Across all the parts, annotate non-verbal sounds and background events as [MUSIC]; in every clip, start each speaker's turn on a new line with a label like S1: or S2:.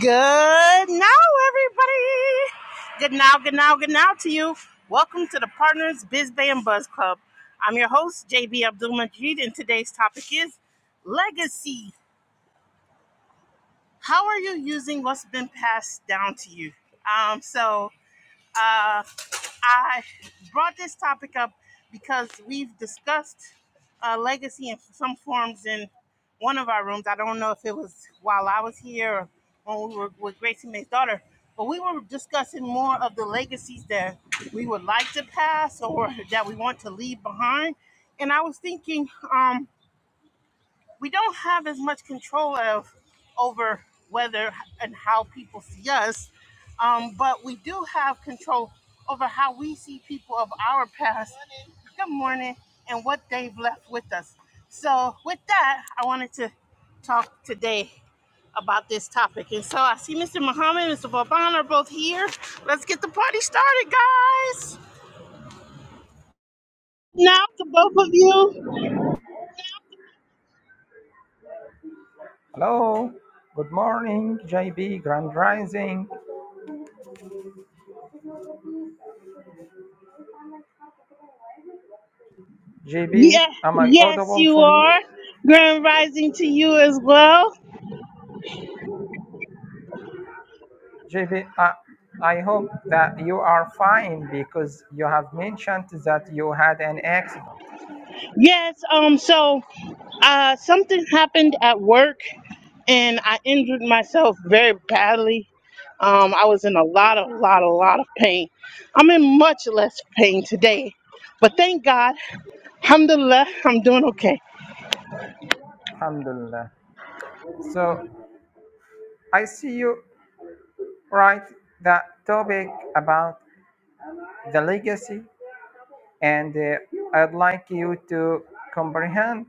S1: Good now, everybody. Good now, good now, good now to you. Welcome to the Partners Biz Bay and Buzz Club. I'm your host, JB Abdul Majid, and today's topic is legacy. How are you using what's been passed down to you? Um, so uh, I brought this topic up because we've discussed uh, legacy in some forms in one of our rooms. I don't know if it was while I was here or when we were with Gracie May's daughter, but we were discussing more of the legacies that we would like to pass or [LAUGHS] that we want to leave behind. And I was thinking, um, we don't have as much control of over whether and how people see us, um, but we do have control over how we see people of our past. Good morning, and what they've left with us. So, with that, I wanted to talk today about this topic. And so, I see Mr. Muhammad and Mr. Vauban are both here. Let's get the party started, guys. Now, to both of you.
S2: Hello, good morning, JB, Grand Rising. JB,
S1: Yeah,
S2: am I
S1: yes,
S2: audible
S1: you
S2: for
S1: are.
S2: you?
S1: Grand rising to you as well.
S2: JB, I, I hope that you are fine because you have mentioned that you had an accident.
S1: Yes, um, so uh something happened at work and I injured myself very badly. Um, I was in a lot of lot a lot of pain. I'm in much less pain today. But thank God, alhamdulillah, I'm doing okay.
S2: Alhamdulillah. So I see you write that topic about the legacy, and uh, I'd like you to comprehend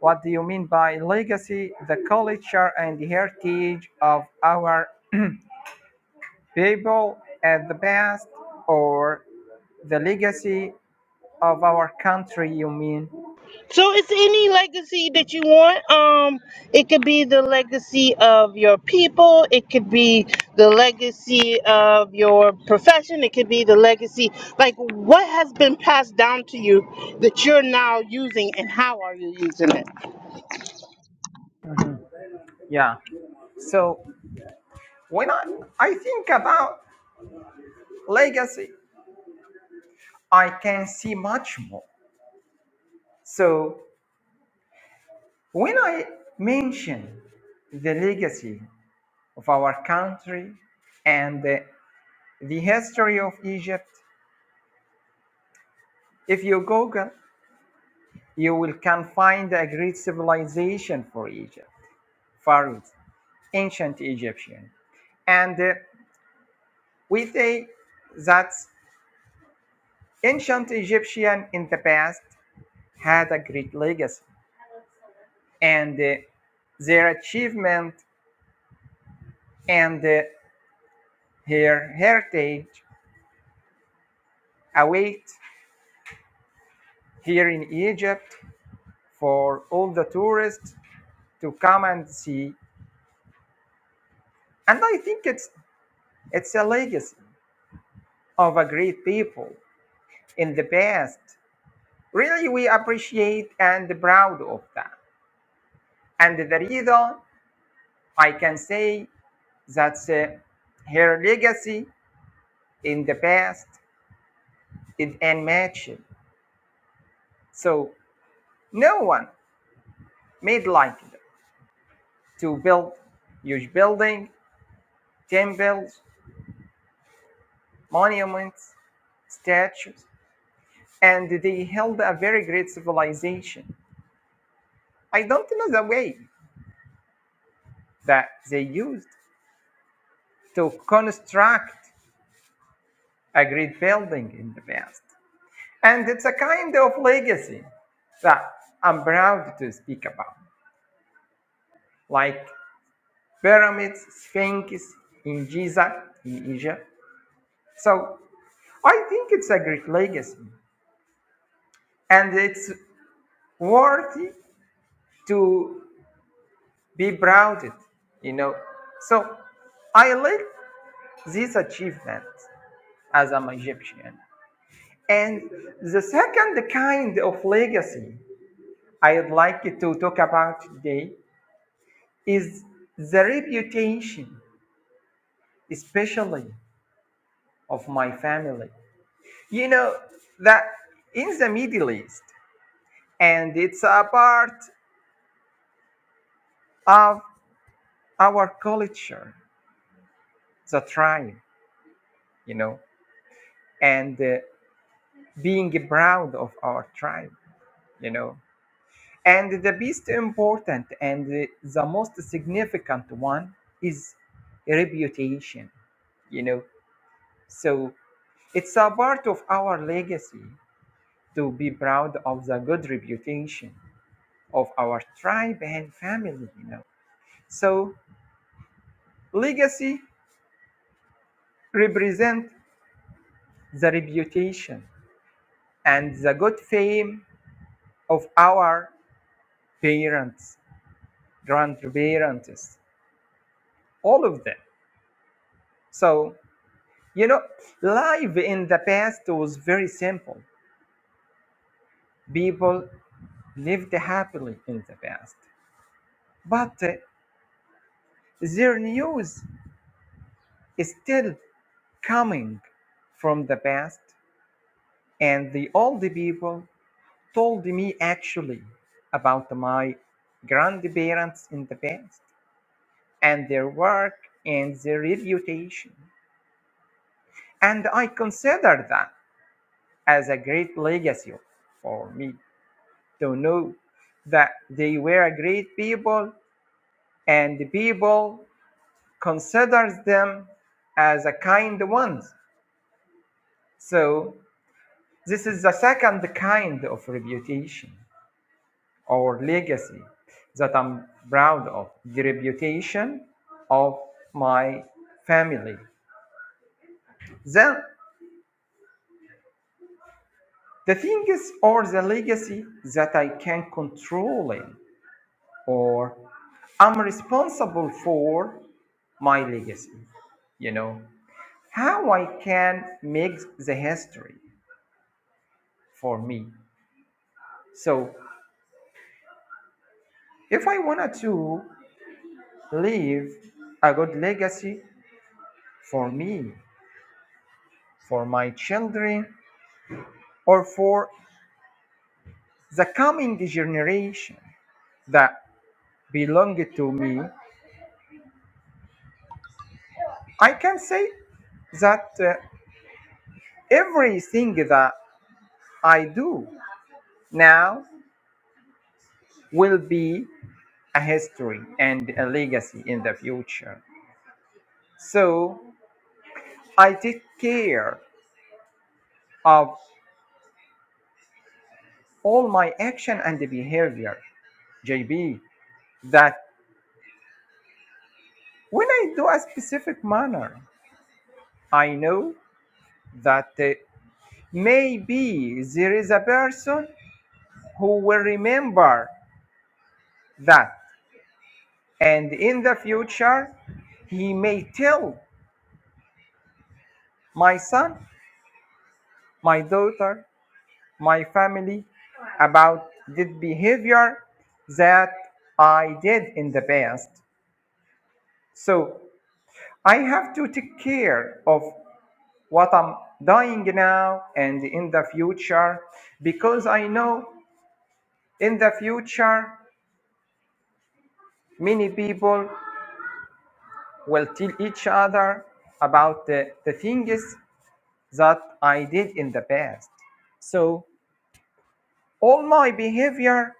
S2: what do you mean by legacy, the culture and heritage of our people at the past or the legacy of our country you mean
S1: So it's any legacy that you want. Um, it could be the legacy of your people. It could be the legacy of your profession. It could be the legacy, like what has been passed down to you that you're now using, and how are you using it?
S2: yeah so when i, I think about legacy i can see much more so when i mention the legacy of our country and the, the history of egypt if you google you will can find a great civilization for egypt pharaohs ancient egyptian and uh, We say that ancient Egyptians in the past had a great legacy, and uh, their achievement and uh, their heritage await here in Egypt for all the tourists to come and see. And I think it's it's a legacy of a great people in the past. Really, we appreciate and proud of that. And the reason I can say that uh, her legacy in the past is unmatched. So no one made like it to build huge buildings, temples, monuments, statues, and they held a very great civilization. I don't know the way that they used to construct a great building in the past. And it's a kind of legacy that I'm proud to speak about. Like pyramids, sphinx in Giza, in Egypt. So I think it's a great legacy and it's worthy to be proud, of, you know. So I like this achievement as an Egyptian. And the second kind of legacy I'd like to talk about today is the reputation, especially of my family. You know that in the Middle East, and it's a part of our culture, the tribe, you know, and uh, being proud of our tribe, you know. And the most important and the the most significant one is reputation, you know. So it's a part of our legacy to be proud of the good reputation of our tribe and family, you know. So Legacy represents the reputation and the good fame of our parents, grandparents, all of them. So, you know, life in the past was very simple. People lived happily in the past. But uh, their news is still coming from the past, and the old people told me actually about my grandparents in the past and their work and their reputation. And I consider that as a great legacy for me to know that they were a great people and the people considers them as a kind ones. So this is the second kind of reputation. or legacy that I'm proud of, the reputation of my family. Then the things or the legacy that I can control in or I'm responsible for my legacy. You know, how I can make the history for me. So if I wanted to leave a good legacy for me, for my children, or for the coming generation that belong to me, I can say that uh, everything that I do now will be a history and a legacy in the future. So I take care of all my action and behavior, JB, that when I do a specific manner, I know that uh, maybe there is a person who will remember that. And in the future, he may tell my son, my daughter, my family about the behavior that I did in the past. So I have to take care of what I'm doing now and in the future because I know in the future many people will tell each other about the, the things that I did in the past. So all my behavior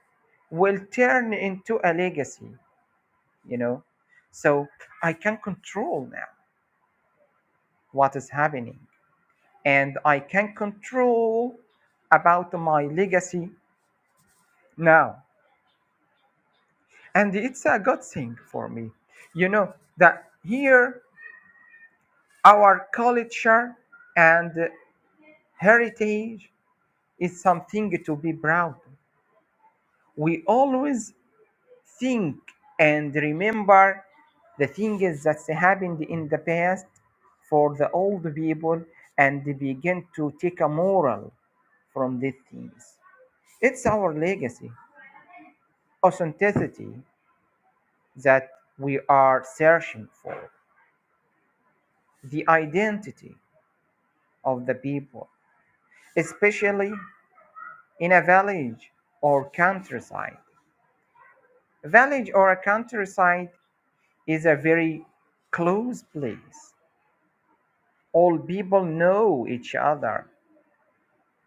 S2: will turn into a legacy, you know. So I can control now what is happening and I can control about my legacy now. And it's a good thing for me, you know, that here our culture and heritage is something to be proud of. We always think and remember the things that happened in the past for the old people and begin to take a moral from these things. It's our legacy, authenticity that we are searching for, the identity of the people, especially in a village or countryside. A village or a countryside is a very close place all people know each other.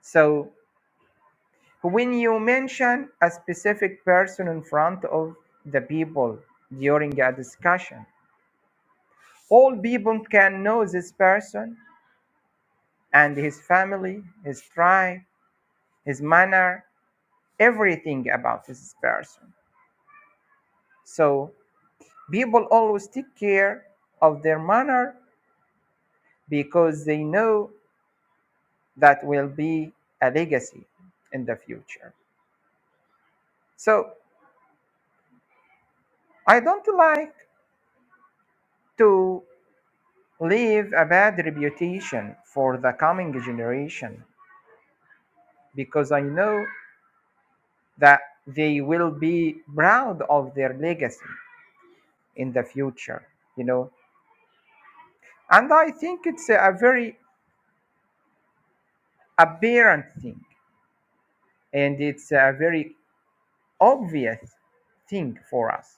S2: So when you mention a specific person in front of the people during a discussion, all people can know this person and his family, his tribe, his manner, everything about this person. So people always take care of their manner because they know that will be a legacy in the future. So I don't like to leave a bad reputation for the coming generation because I know that they will be proud of their legacy in the future, you know. And I think it's a very apparent thing and it's a very obvious thing for us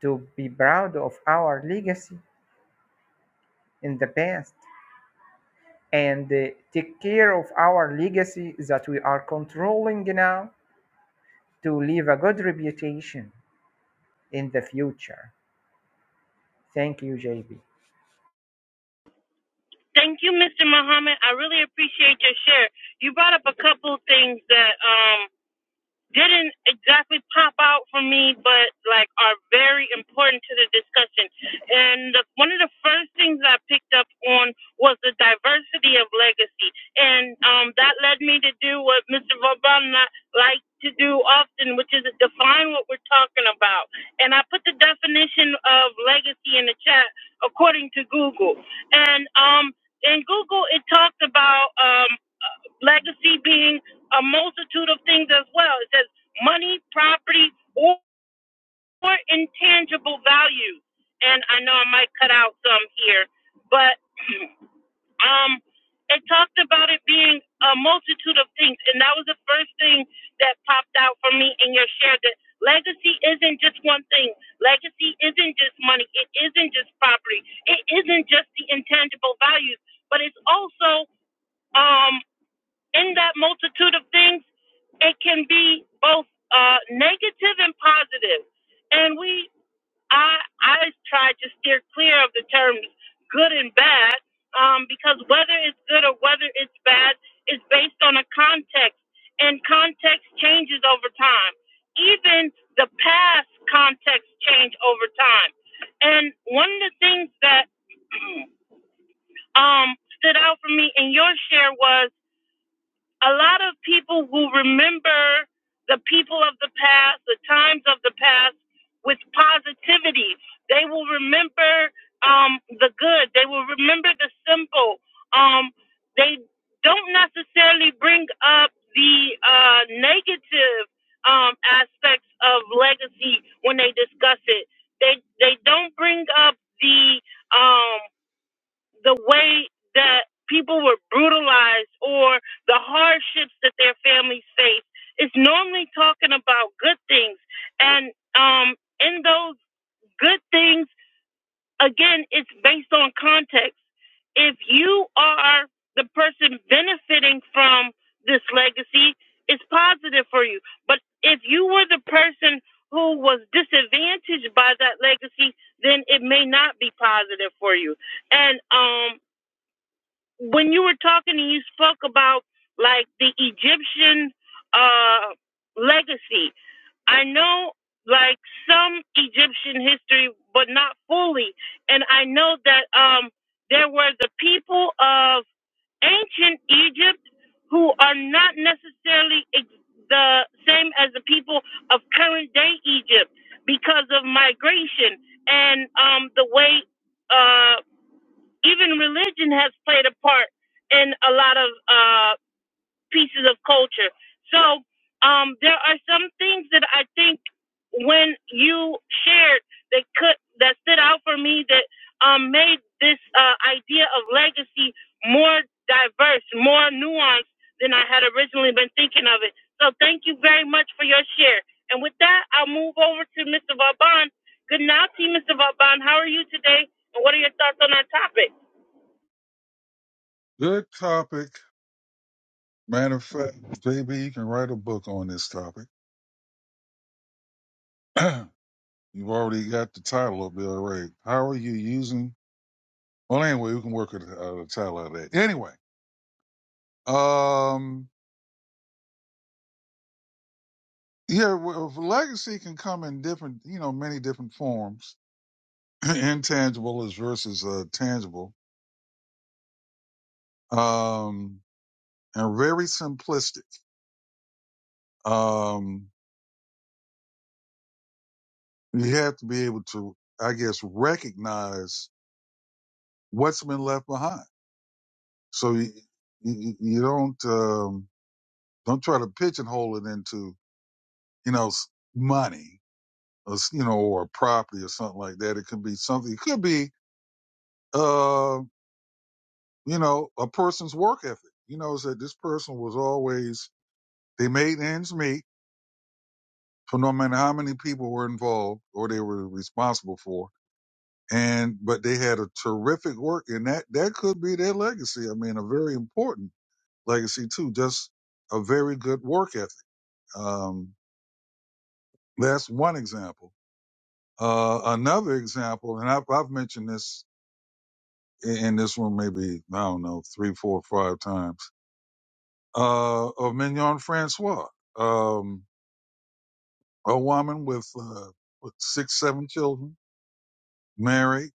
S2: to be proud of our legacy in the past and uh, take care of our legacy that we are controlling now to leave a good reputation in the future. Thank you, JB.
S1: Thank you, Mr. Muhammad. I really appreciate your share. You brought up a couple things that um didn't exactly pop out for me, but like are very important to the discussion. And the, one of the first things I picked up on was the diversity of legacy, and um, that led me to do what Mr. Vauban and I like to do often, which is define what we're talking about. And I put the definition of legacy in the chat according to Google, and um. In Google, it talked about uh, legacy being a multitude of things as well. It says money, property, or intangible value. And I know I might cut out some here, but um, it talked about it being a multitude of things, and that was the first thing that popped out for me in your share. That legacy isn't just one thing. Legacy isn't just money. It isn't just property. It isn't just the intangible values, but it's also um, in that multitude of things, it can be both uh, negative and positive. And we, I, I try to steer clear of the terms good and bad, um, because whether it's good or whether it's bad is based on a context, and context changes over time. Even the past context change over time. And one of the things that um, stood out for me in your share was a lot of people who remember the people of the past, the times of the past, with positivity. They will remember um, the good. They will remember the simple. Um, they don't necessarily bring up the uh, negative um, aspects of legacy when they discuss it. They they don't bring up the um, the way that people were brutalized or the hardships that their families face it's normally talking about good things and um in those good things again it's based on context if you are the person benefiting from this legacy it's positive for you but if you were the person who was disadvantaged by that legacy then it may not be positive for you and um when you were talking and you spoke about like the Egyptian uh, legacy, I know like some Egyptian history, but not fully. And I know that um, there were the people of ancient Egypt who are not necessarily ex- the same as the people of current day Egypt because of migration and um, the way. Uh, even religion has played a part in a lot of uh, pieces of culture. So um, there are some things that I think when you shared that could that stood out for me that um, made this uh, idea of legacy more diverse, more nuanced than I had originally been thinking of it. So thank you very much for your share. And with that, I'll move over to Mr. Vauban. Good night to you, Mr. Vauban. How are you today? And what are your thoughts on our topic?
S3: Good topic. Matter of fact, JB, you can write a book on this topic. [CLEARS THROAT] You've already got the title up there already. How are you using? Well, anyway, we can work with uh, the title of that. Anyway, um, yeah, well, legacy can come in different, you know, many different forms. [CLEARS THROAT] Intangible is versus uh, tangible, um, and very simplistic. Um, you have to be able to, I guess, recognize what's been left behind So you, you, you don't um, don't try to pigeonhole it into you know s- money or s- you know or property or something like that. It could be something. It could be uh, you know a person's work ethic. You know, is that this person was always they made ends meet for no matter how many people were involved or they were responsible for. And but they had a terrific work, and that that could be their legacy. I mean, a very important legacy too. Just a very good work ethic. Um, That's one example. Uh, another example, and I've, I've mentioned this in, in this one maybe, I don't know, three, four, five times, uh, of Mignon Francois, um, a woman with, uh, with six, seven children, married.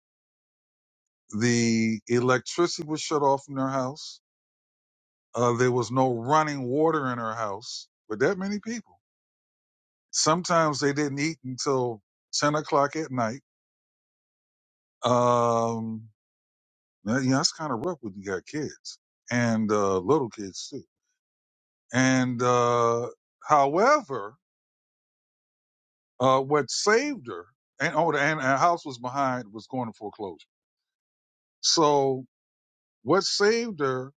S3: The electricity was shut off in her house. Uh, there was no running water in her house with that many people. Sometimes they didn't eat until 10 o'clock at night. Um, That- You know, that's kind of rough when you got kids and uh, little kids too. And uh, however, uh, what saved her and oh, and her house was behind was going to foreclosure. So what saved her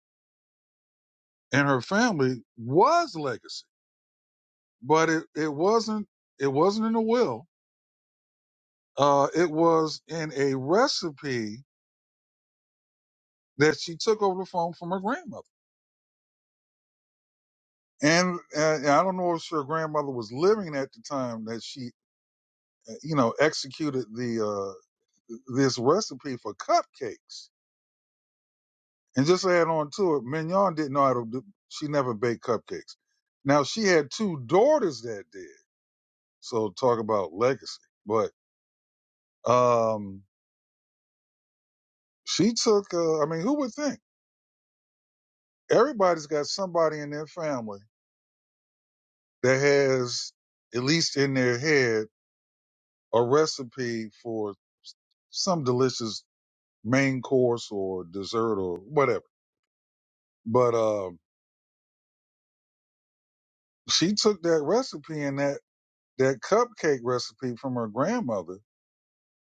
S3: and her family was legacy, but it, it wasn't it wasn't in a will. Uh, it was in a recipe that she took over the phone from her grandmother. And uh, I don't know if her grandmother was living at the time that she you know, executed the uh, this recipe for cupcakes. And just to add on to it, Mignon didn't know how to do. She never baked cupcakes. Now she had two daughters that did. So talk about legacy. But um, she took. Uh, I mean, who would think? Everybody's got somebody in their family that has, at least in their head, a recipe for some delicious main course or dessert or whatever. But uh, she took that recipe and that that cupcake recipe from her grandmother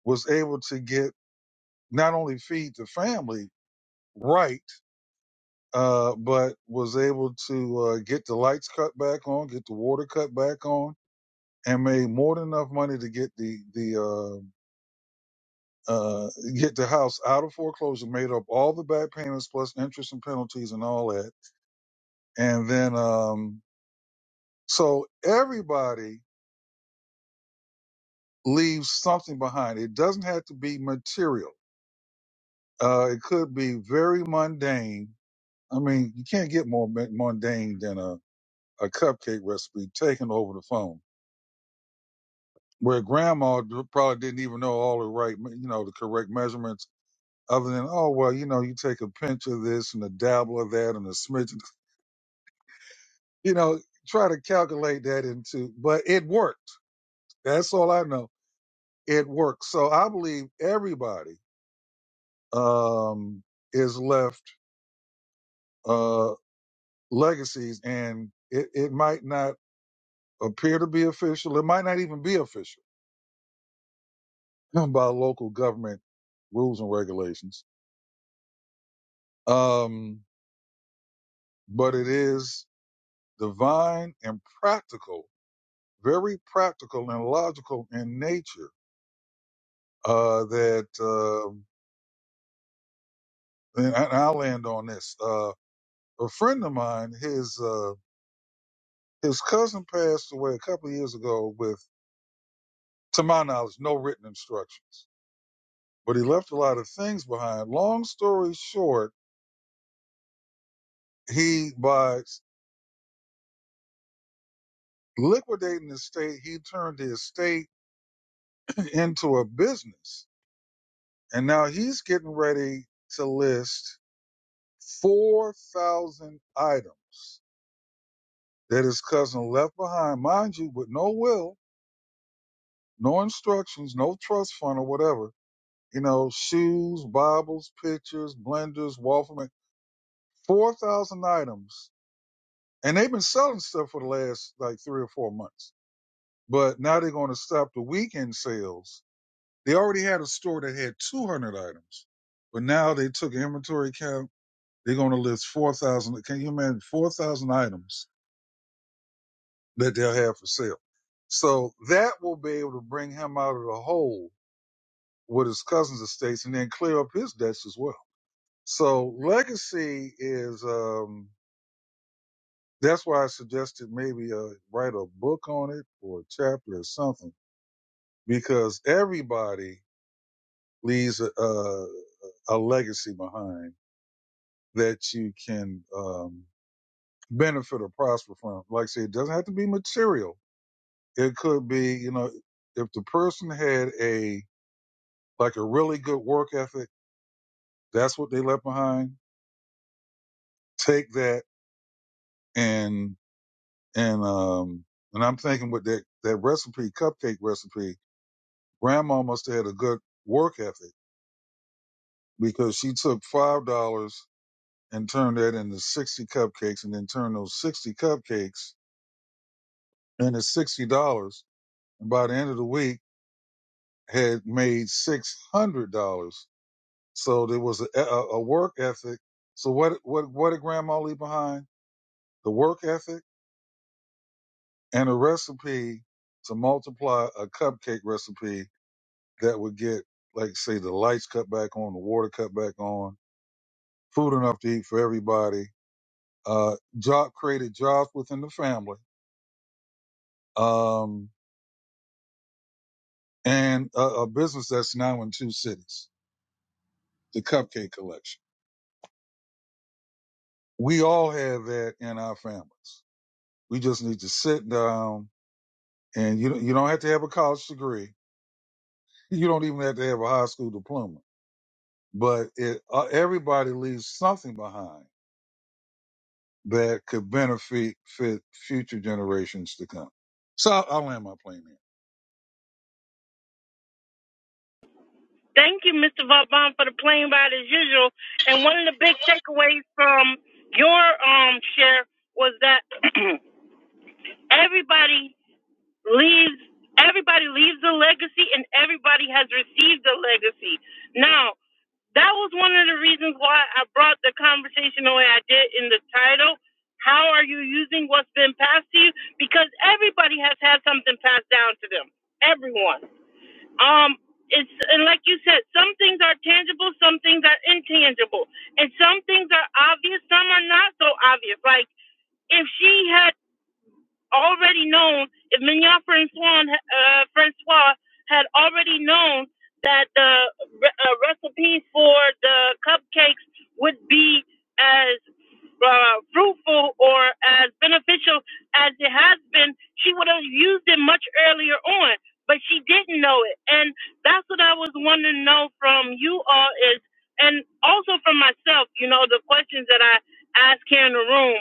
S3: was able to get not only feed the family right uh but was able to uh get the lights cut back on get the water cut back on and made more than enough money to get the the uh uh get the house out of foreclosure made up all the back payments plus interest and penalties and all that and then um so everybody leaves something behind it doesn't have to be material Uh, it could be very mundane. I mean, you can't get more mu- mundane than a, a cupcake recipe taken over the phone, where grandma d- probably didn't even know all the right, me- you know, the correct measurements. Other than, oh well, you know, you take a pinch of this and a dabble of that and a smidge, [LAUGHS] you know, try to calculate that into, but it worked. That's all I know. It worked. So I believe everybody um, is left uh, legacies, and it, it might not appear to be official. It might not even be official [LAUGHS] by local government rules and regulations. Um, but it is divine and practical, very practical and logical in nature. Uh, that uh, and I- will land on this. Uh, a friend of mine, his uh, his cousin passed away a couple of years ago with, to my knowledge, no written instructions. But he left a lot of things behind. Long story short, he by liquidating the state, he turned his state [CLEARS THROAT] into a business. And now he's getting ready to list 4,000 items that his cousin left behind, mind you, with no will, no instructions, no trust fund or whatever. You know, shoes, Bibles, pictures, blenders, waffle, ma- 4,000 items. And they've been selling stuff for the last like three or four months. But now they're going to stop the weekend sales They already had a store that had 200 items, but now they took an inventory count. They're going to list 4,000. Can you imagine 4,000 items that they'll have for sale? So that will be able to bring him out of the hole with his cousins' estates and then clear up his debts as well. So legacy is, um, that's why I suggested maybe uh, write a book on it or a chapter or something because everybody leaves a, a, a legacy behind that you can um, benefit or prosper from. Like I said, it doesn't have to be material. It could be, you know, if the person had a like a really good work ethic, that's what they left behind. Take that and and um and I'm thinking with that that recipe, cupcake recipe, grandma must have had a good work ethic because she took five dollars and turned that into sixty cupcakes and then turned those sixty cupcakes into sixty dollars. And by the end of the week had made six hundred dollars. So there was a, a, a work ethic. So what what what did Grandma leave behind? The work ethic and a recipe to multiply a cupcake recipe that would get like say the lights cut back on, the water cut back on, food enough to eat for everybody. Uh, job created jobs within the family, um, and a, a business that's now in two cities. The Cupcake Collection. We all have that in our families We just need to sit down and you you don't have to have a college degree. You don't even have to have a high school diploma. But it, uh, everybody leaves something behind that could benefit fit future generations to come. So I'll, I'll land my plane here.
S1: Thank you, Mr. Vaughn, for the plane ride as usual. And one of the big takeaways from your um share was that [CLEARS THROAT] everybody leaves everybody leaves a legacy and everybody has received a legacy. Now, that was one of the reasons why I brought the conversation the way I did in the title. How are you using what's been passed to you? Because everybody has had something passed down to them. Everyone. Um, it's and like you said, some things are tangible, some things are intangible, and some things are obvious, some are not so obvious. Like if she had already known, if Mignon Francois, uh, Francois had already known that the re- uh, recipes for the cupcakes would be as uh, fruitful or as beneficial as it has been, she would have used it much earlier on. But she didn't know it, and that's what I was wanting to know from you all is, and also from myself. You know, the questions that I ask here in the room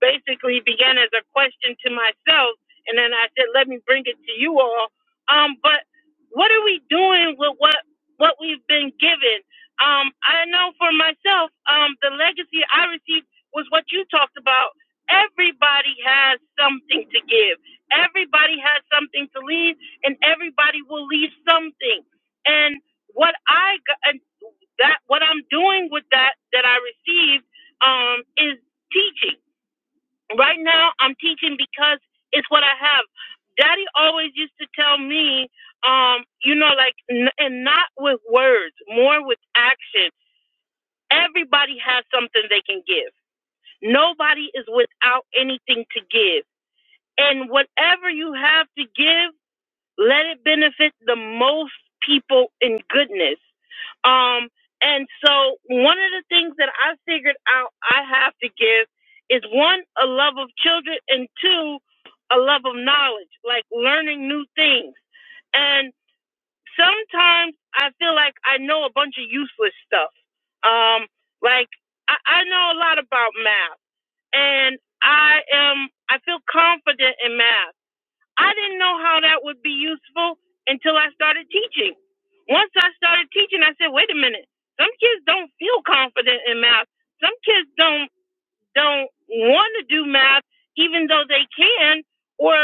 S1: basically began as a question to myself, and then I said, "Let me bring it to you all." Um, but what are we doing with what what we've been given? Um, I know for myself, um, the legacy I received was what you talked about. Everybody has something to give. Everybody has something to leave, and everybody will leave something. And what I got, and that what I'm doing with that that I received um, is teaching. Right now, I'm teaching because it's what I have. Daddy always used to tell me, um, you know, like, n- and not with words, more with action. Everybody has something they can give. Nobody is without anything to give. And whatever you have to give, let it benefit the most people in goodness. Um, and so one of the things that I figured out I have to give is one, a love of children, and two, a love of knowledge, like learning new things. And sometimes I feel like I know a bunch of useless stuff. Um, like I, I know a lot about math, and I am I feel confident in math. I didn't know how that would be useful until I started teaching. Once I started teaching, I said, wait a minute, some kids don't feel confident in math. Some kids don't don't want to do math even though they can or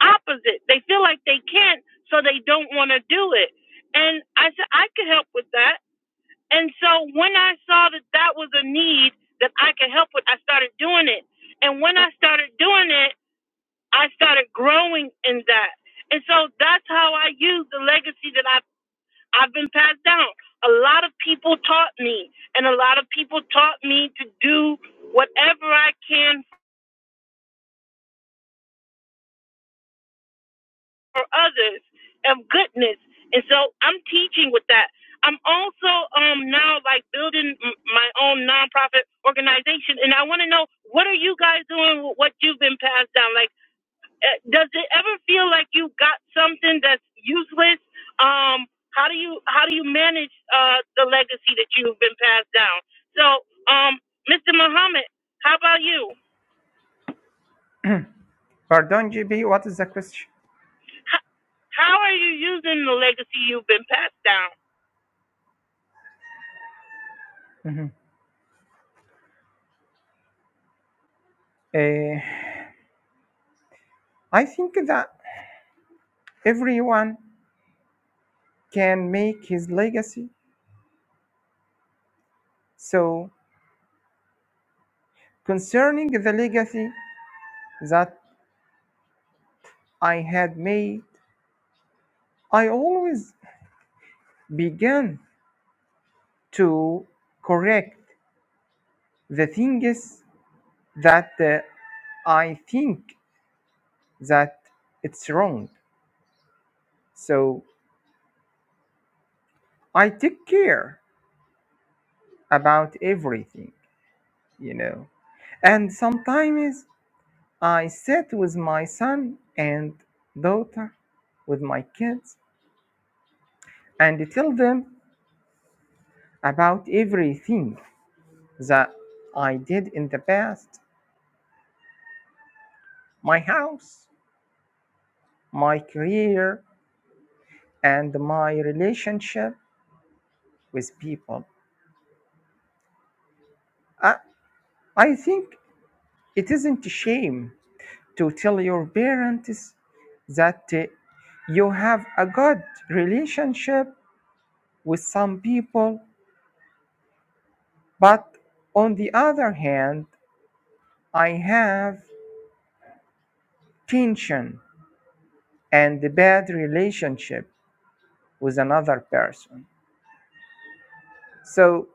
S1: opposite they feel like they can't so they don't want to do it and i said i could help with that and so when i saw that that was a need that i could help with i started doing it and when i started doing it i started growing in that and so that's how i use the legacy that i've, I've been passed down a lot of people taught me and a lot of people taught me to do whatever i can others of goodness. And so I'm teaching with that. I'm also um now like building m- my own nonprofit organization, and I want to know what are you guys doing with what you've been passed down? Like, does it ever feel like you got something that's useless? Um, how do you how do you manage uh the legacy that you've been passed down? So, um, Mr. Muhammad, how about you?
S2: Pardon, JB, what is the question?
S1: How are you using the legacy you've been passed down?
S2: Mhm. Uh, I think that everyone can make his legacy. So, concerning the legacy that I had made, I always began to correct the things that uh, I think that it's wrong. So, I take care about everything. you know. And sometimes I sit with my son and daughter, with my kids, and tell them about everything that I did in the past my house, my career, and my relationship with people. I, I think it isn't a shame to tell your parents that uh, you have a good relationship with some people But on the other hand, I have tension and a bad relationship with another person. So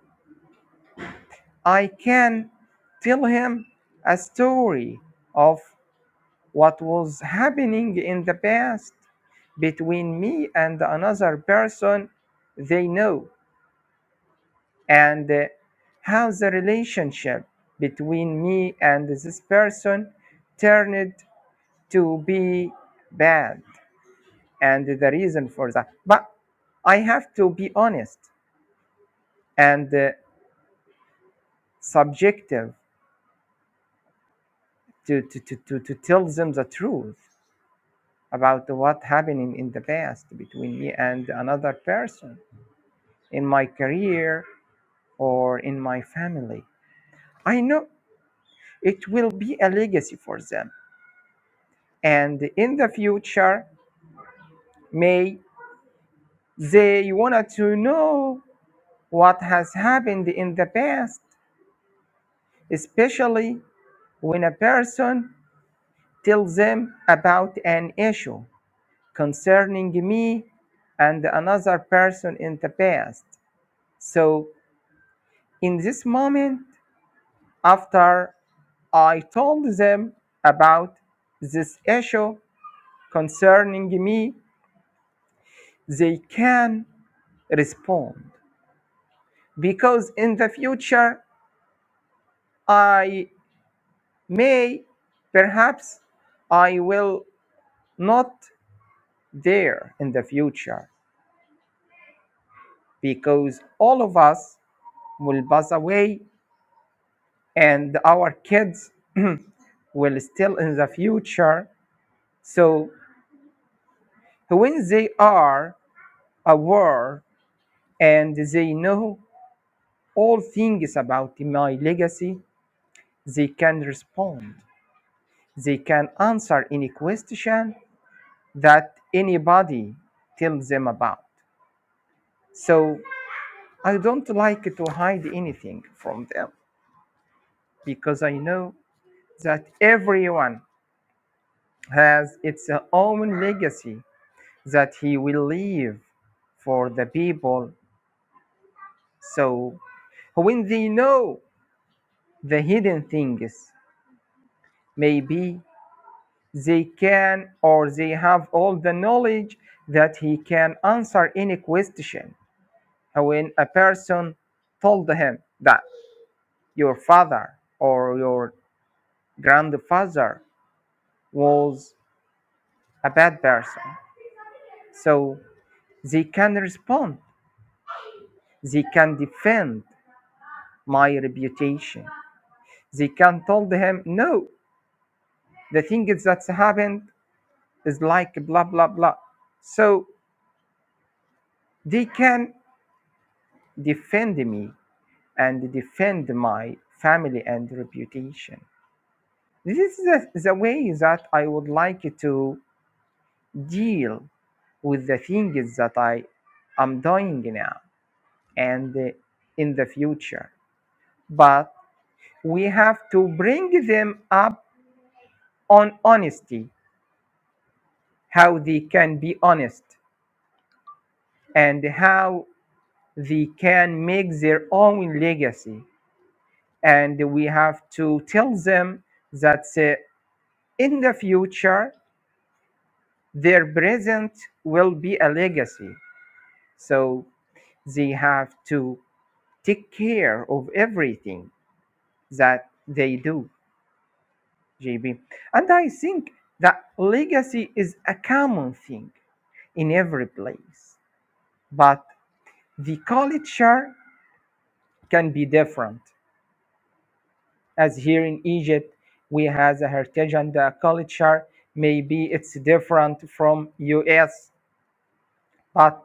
S2: I can tell him a story of what was happening in the past between me and another person they know and uh, how the relationship between me and this person turned to be bad and the reason for that. But I have to be honest and uh, subjective to, to, to, to, to tell them the truth about what happened in the past between me and another person in my career or in my family. I know it will be a legacy for them. And in the future, may they wanted to know what has happened in the past, especially when a person tell them about an issue concerning me and another person in the past. So, in this moment, after I told them about this issue concerning me, they can respond. Because in the future, I may, perhaps, I will not dare in the future. Because all of us will pass away and our kids [CLEARS THROAT] will still in the future so when they are aware and they know all things about my legacy they can respond they can answer any question that anybody tells them about so i don't like to hide anything from them because i know that everyone has its own legacy that he will live for the people. So when they know the hidden things, maybe they can or they have all the knowledge that he can answer any question. When a person told him that your father or your grandfather was a bad person, so they can respond, they can defend my reputation They can told him, no, the thing that's happened is like blah blah blah. So they can defend me and defend my family and reputation. This is the, the way that I would like to deal with the things that I am doing now and uh, in the future. But we have to bring them up on honesty, how they can be honest and how they can make their own legacy. And we have to tell them that uh, in the future, their present will be a legacy. So they have to take care of everything that they do, JB. And I think that legacy is a common thing in every place, but the culture can be different. as here in Egypt we has a heritage and a culture. Maybe it's different from US, but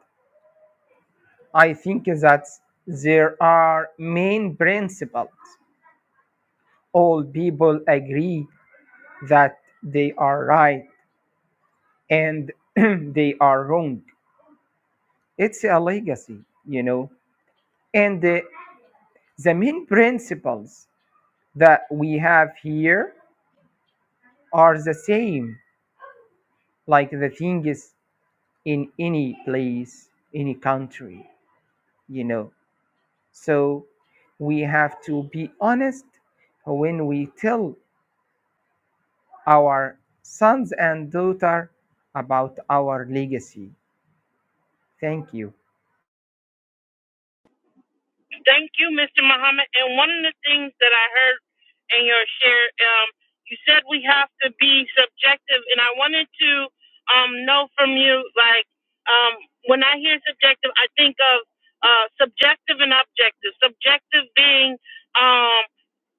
S2: I think that there are main principles. All people agree that they are right and [CLEARS THROAT] they are wrong. It's a legacy, you know. And the, the main principles that we have here are the same, like the things in any place, any country, you know. So we have to be honest when we tell our sons and daughter about our legacy. Thank you.
S1: Thank you, Mr. Muhammad. And one of the things that I heard in your share, um, you said we have to be subjective, and I wanted to um, know from you, like, um, when I hear subjective, I think of uh, subjective and objective. Subjective being um,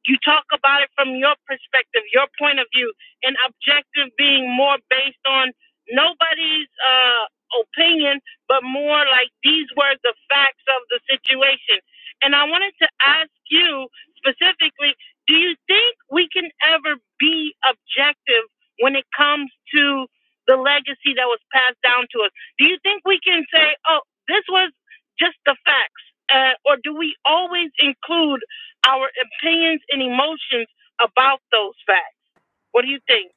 S1: you talk about it from your perspective, your point of view, and objective being more based on nobody's uh, opinion, but more like these were the facts of the situation. And I wanted to ask you specifically do you think we can ever be objective when it comes to the legacy that was passed down to us? Do you think we can say, oh, this was just the facts? Uh, or do we always include? our opinions and emotions about those facts. What do you think?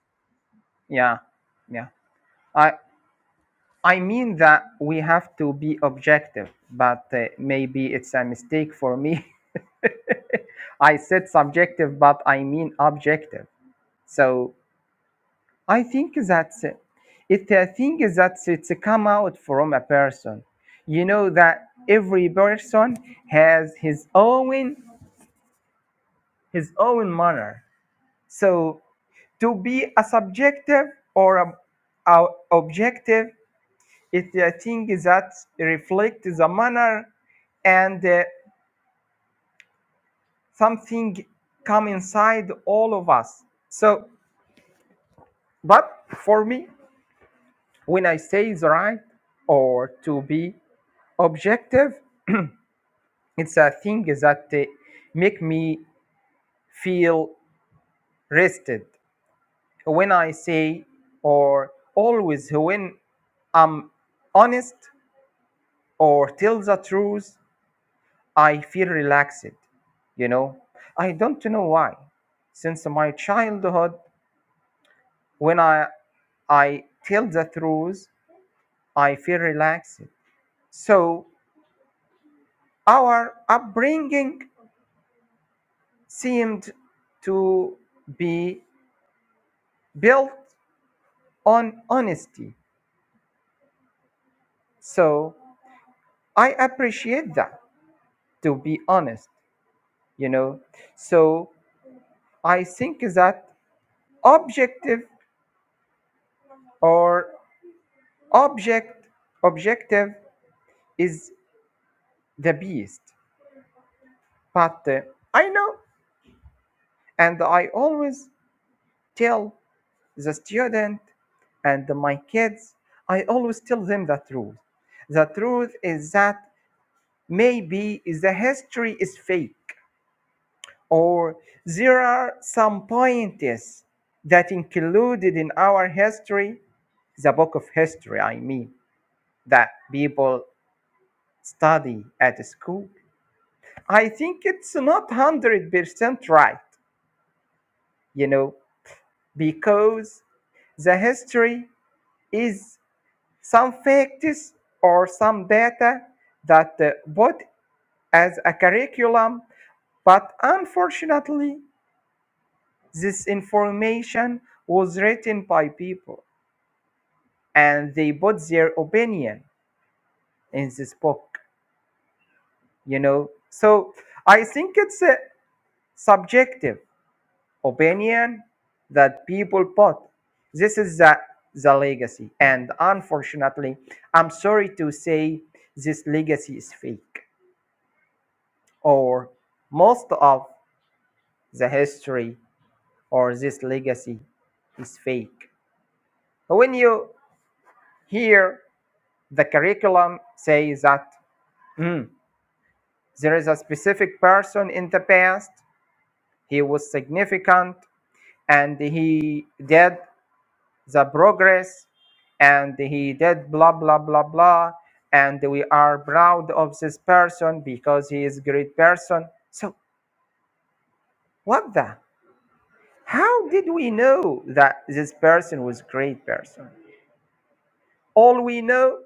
S2: Yeah, yeah. I I mean that we have to be objective, but uh, maybe it's a mistake for me. [LAUGHS] I said subjective, but I mean objective. So I think that it's a thing that it's come out from a person. You know that every person has his own his own manner. So to be a subjective or a, a objective is a thing that reflects the manner and uh, something come inside all of us so but for me when i say the right or to be objective it's a thing that uh, make me feel rested when i say or always when i'm honest or tell the truth i feel relaxed you know i don't know why since my childhood when i i tell the truth i feel relaxed so our upbringing seemed to be built on honesty. So I appreciate that, to be honest, you know. So I think that objective or object objective is the beast. But uh, I know, and I always tell the student and my kids, I always tell them the truth. The truth is that maybe the history is fake or there are some points that included in our history, the book of history, I mean, that people study at school. I think it's not 100% right, you know, because the history is some facts or some data that uh, put as a curriculum, but unfortunately, this information was written by people and they put their opinion in this book you know so i think it's a subjective opinion that people put this is the, the legacy and unfortunately i'm sorry to say this legacy is fake or most of the history or this legacy is fake when you hear the curriculum say that mm, There is a specific person in the past, he was significant and he did the progress and he did blah blah blah blah and we are proud of this person because he is a great person so what the how did we know that this person was a great person all we know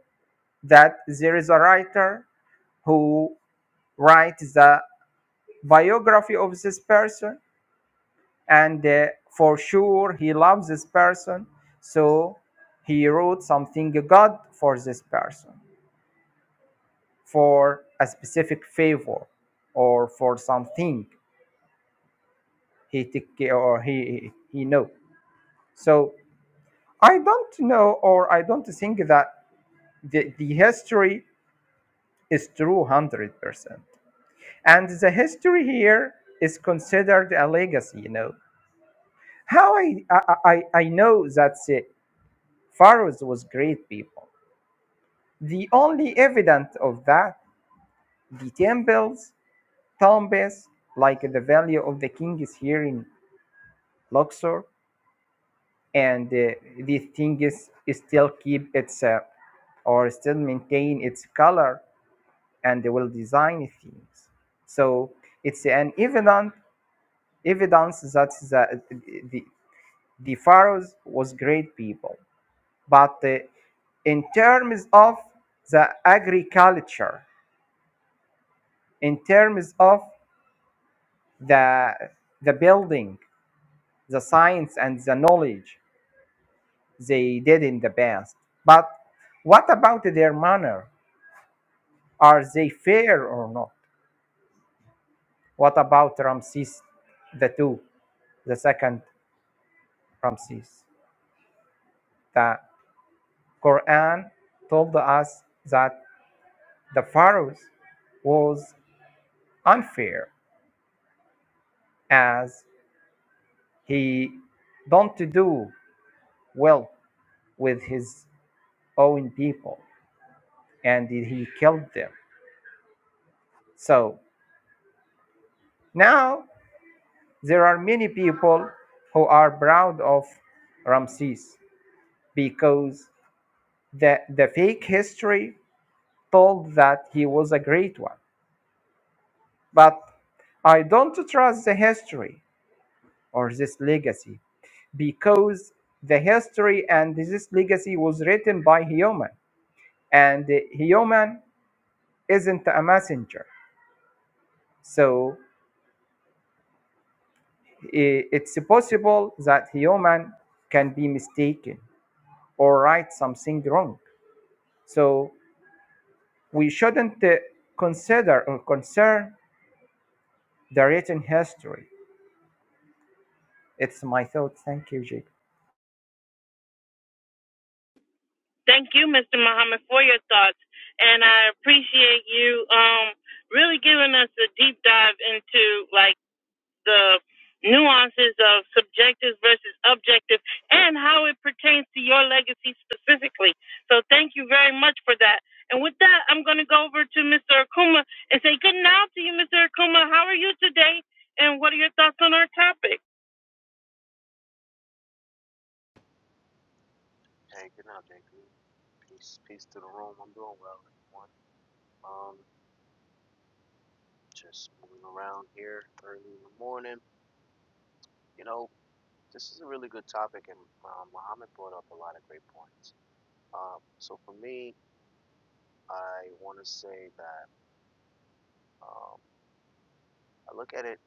S2: that there is a writer who writes the biography of this person and uh, for sure he loves this person so he wrote something god for this person for a specific favor or for something he take care or he he know so i don't know or i don't think that the, the history is true 100% and the history here is considered a legacy you know how i i i, I know that the pharaohs was great people The only evidence of that, the temples, tombs, like the value of the kings here in Luxor, and uh, the things still keep its uh, or still maintain its color and they will design themes. So it's an evident evidence that the, the, the pharaohs was great people. But uh, in terms of the agriculture, in terms of the the building the science and the knowledge they did in the past but what about their manner are they fair or not what about ramses the two the second ramses the quran told us that the pharaoh was unfair as he don't do well with his own people and he killed them so Now, there are many people who are proud of Ramses because the, the fake history told that he was a great one. But I don't trust the history or this legacy because the history and this legacy was written by human and human isn't a messenger. So it's possible that human can be mistaken or write something wrong. So we shouldn't uh, consider or concern the written history. It's my thought. Thank you, Jake.
S1: Thank you, Mr. Muhammad, for your thoughts, and I appreciate you um, really giving us a deep dive into like the nuances of subjective versus objective and how it pertains to your legacy specifically. So thank you very much for that. And with that, I'm going to go over to Mr. Akuma and say good night to you, Mr. Akuma. How are you today? And what are your thoughts on our topic?
S4: Hey, good night, JP. Peace, peace to the room. I'm doing well, everyone. Um, just moving around here early in the morning. You know, this is a really good topic, and um, Muhammad brought up a lot of great points. Um, so for me, I want to say that um, I look at it.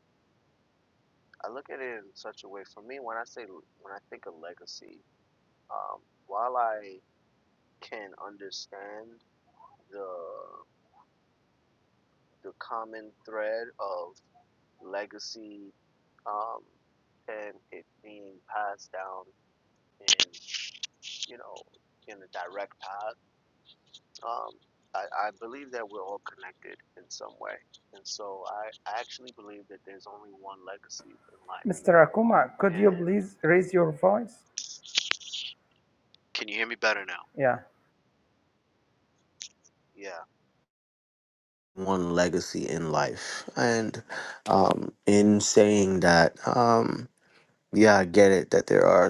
S4: I look at it in such a way. For me, when I say when I think of legacy, um, while I can understand the the common thread of legacy, um, and it being passed down in you know in a direct path. Um, I, I believe that we're all connected in some way, and so I actually believe that there's only one legacy in life.
S2: Mr. Akuma, could you
S4: And
S2: please raise your voice?
S4: can you hear me better now?
S2: Yeah.
S4: Yeah. one legacy in life. And um, in saying that, um, yeah, I get it that there are.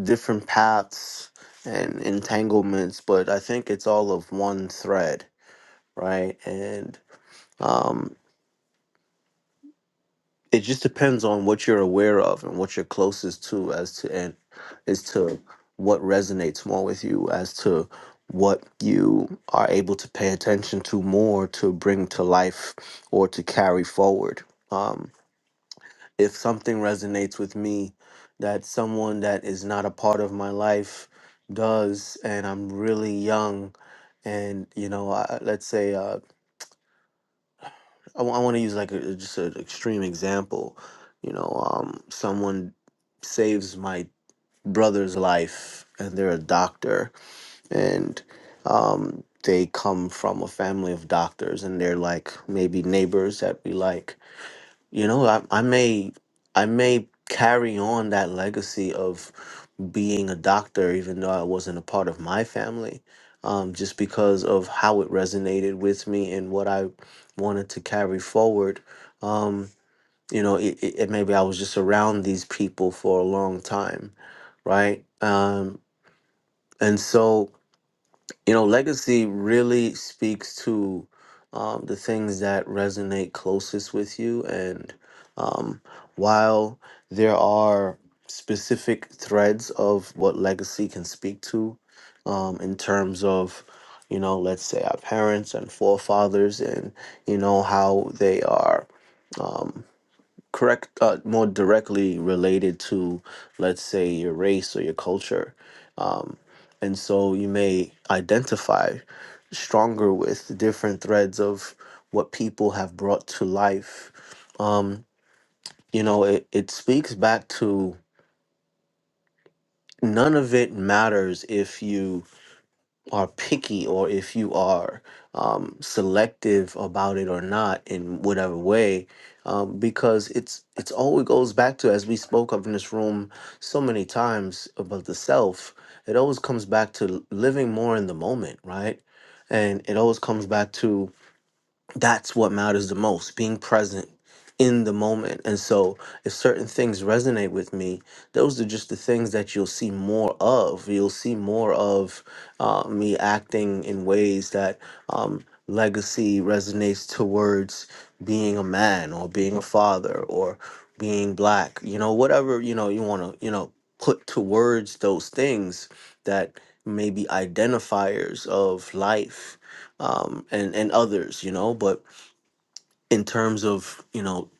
S4: different paths and entanglements, but I think it's all of one thread, right? And um, it just depends on what you're aware of and what you're closest to as to and as to what resonates more with you, as to what you are able to pay attention to more to bring to life or to carry forward. Um, if something resonates with me that someone that is not a part of my life does and i'm really young and you know I, let's say uh, i, want to use like a, just an extreme example you know um, someone saves my brother's life and they're a doctor and um, they come from a family of doctors and they're like maybe neighbors that we like you know, I, I may I may carry on that legacy of being a doctor, even though I wasn't a part of my family, um, just because of how it resonated with me and what I wanted to carry forward. Um, you know, it, it, it maybe I was just around these people for a long time, right? Um, and so. You know, legacy really speaks to um, the things that resonate closest with you. And um, while there are specific threads of what legacy can speak to, um, in terms of, you know, let's say our parents and forefathers, and, you know, how they are correct, uh, more directly related to, let's say, your race or your culture and so you may identify stronger with different threads of what people have brought to life. Um, you know, it, it speaks back to none of it matters if you are picky or if you are um, selective about it or not in whatever way um, because it's it's always goes back to as we spoke of in this room so many times about the self it always comes back to living more in the moment right and it always comes back to that's what matters the most being present in the moment and so if certain things resonate with me those are just the things that you'll see more of you'll see more of uh, me acting in ways that um, legacy resonates towards being a man or being a father or being black you know whatever you know you want to you know put towards those things that may be identifiers of life um, and and others, you know. But in terms of you know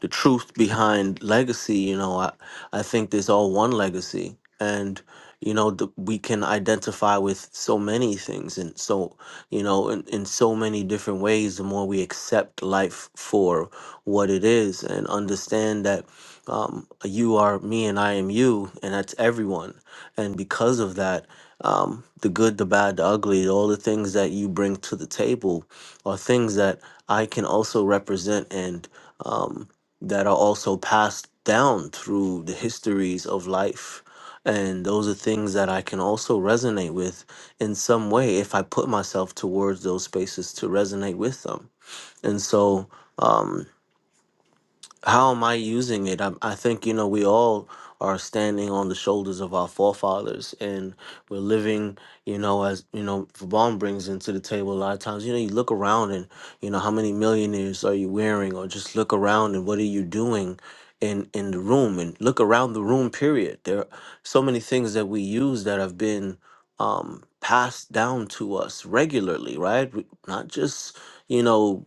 S4: the truth behind legacy you know i i think there's all one legacy and you know the, we can identify with so many things and so you know in, in so many different ways the more we accept life for what it is and understand that um, you are me and i am you and that's everyone and because of that um, the good the bad the ugly all the things that you bring to the table are things that I can also represent and um, that are also passed down through the histories of life. And those are things that I can also resonate with in some way if I put myself towards those spaces to resonate with them. And so, um, how am I using it? I, I think, you know, we all are standing on the shoulders of our forefathers and we're living, you know, as, you know, Vaughn brings into the table a lot of times, you know, you look around and, you know, how many millionaires are you wearing or just look around and what are you doing in, in the room and look around the room, period. There are so many things that we use that have been um, passed down to us regularly, right? We- Not just, you know,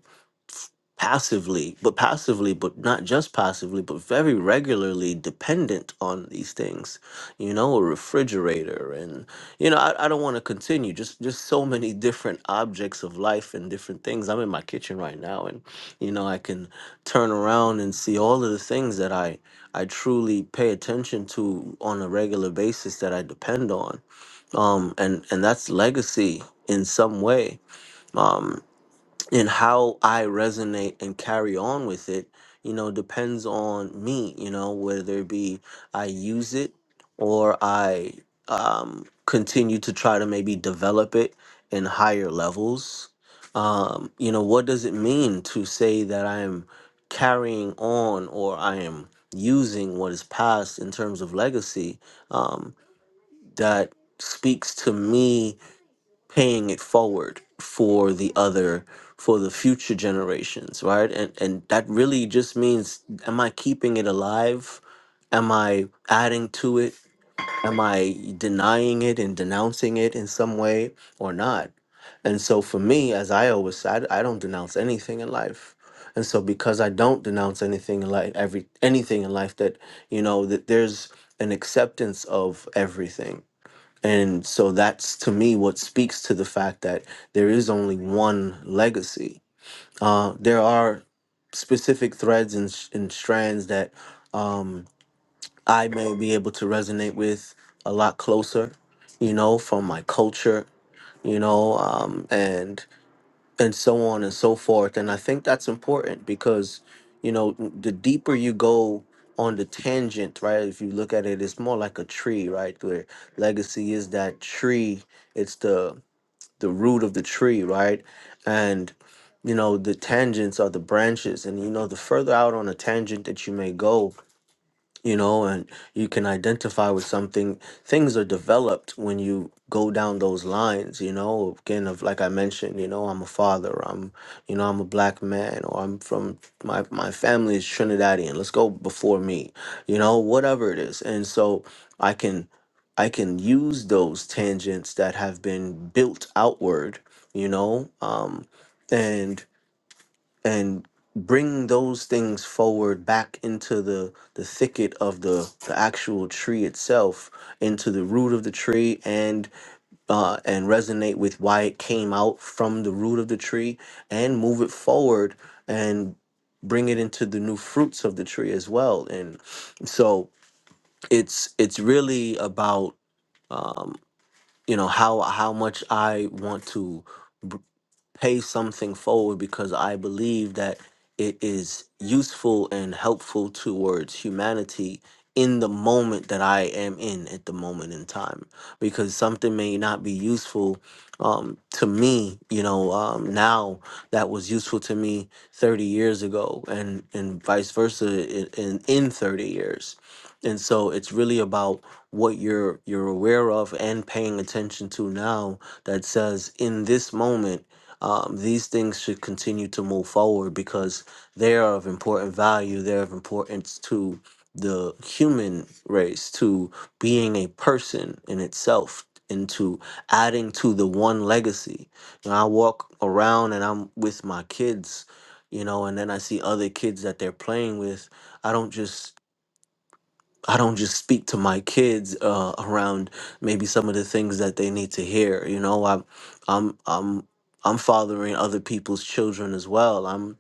S4: passively, but passively, but not just passively, but very regularly dependent on these things. You know, a refrigerator, and you know, I, I don't want to continue. Just just so many different objects of life and different things. I'm in my kitchen right now, and you know, I can turn around and see all of the things that I I truly pay attention to on a regular basis that I depend on. Um, and and that's legacy in some way. Um and how I resonate and carry on with it, you know, depends on me, you know, whether it be I use it or I um, continue to try to maybe develop it in higher levels. Um, you know, what does it mean to say that I am carrying on or I am using what is past in terms of legacy um, that speaks to me? paying it forward for the other for the future generations right and and that really just means am i keeping it alive am i adding to it am i denying it and denouncing it in some way or not and so for me as i always said i don't denounce anything in life and so because i don't denounce anything in life every anything in life that you know that there's an acceptance of everything and so that's to me what speaks to the fact that there is only one legacy. Uh, there are specific threads and, sh- and strands that um, I may be able to resonate with a lot closer, you know, from my culture, you know, um, and and so on and so forth. And I think that's important because, you know, the deeper you go on the tangent, right? If you look at it, it's more like a tree, right? Where legacy is that tree, it's the the root of the tree, right? And you know, the tangents are the branches. And you know, the further out on a tangent that you may go, you know, and you can identify with something. Things are developed when you go down those lines, you know. Again, of like I mentioned, you know, I'm a father. I'm, you know, I'm a black man, or I'm from my my family is Trinidadian. Let's go before me, you know, whatever it is. And so I can, I can use those tangents that have been built outward, you know, um, and and bring those things forward back into the the thicket of the the actual tree itself into the root of the tree and uh and resonate with why it came out from the root of the tree and move it forward and bring it into the new fruits of the tree as well and so it's it's really about um you know how how much i want to pay something forward because I believe that it is useful and helpful towards humanity in the moment that I am in at the moment in time. Because something may not be useful um, to me, you know, um, now that was useful to me 30 years ago, and, and vice versa in, in, in 30 years. And so it's really about what you're you're aware of and paying attention to now that says in this moment um, these things should continue to move forward because they are of important value. They're of importance to the human race, to being a person in itself, and to adding to the one legacy. You know, I walk around and I'm with my kids, you know, and then I see other kids that they're playing with. I don't just I don't just speak to my kids uh, around maybe some of the things that they need to hear. You know, I'm I'm I'm I'm fathering other people's children as well. I'm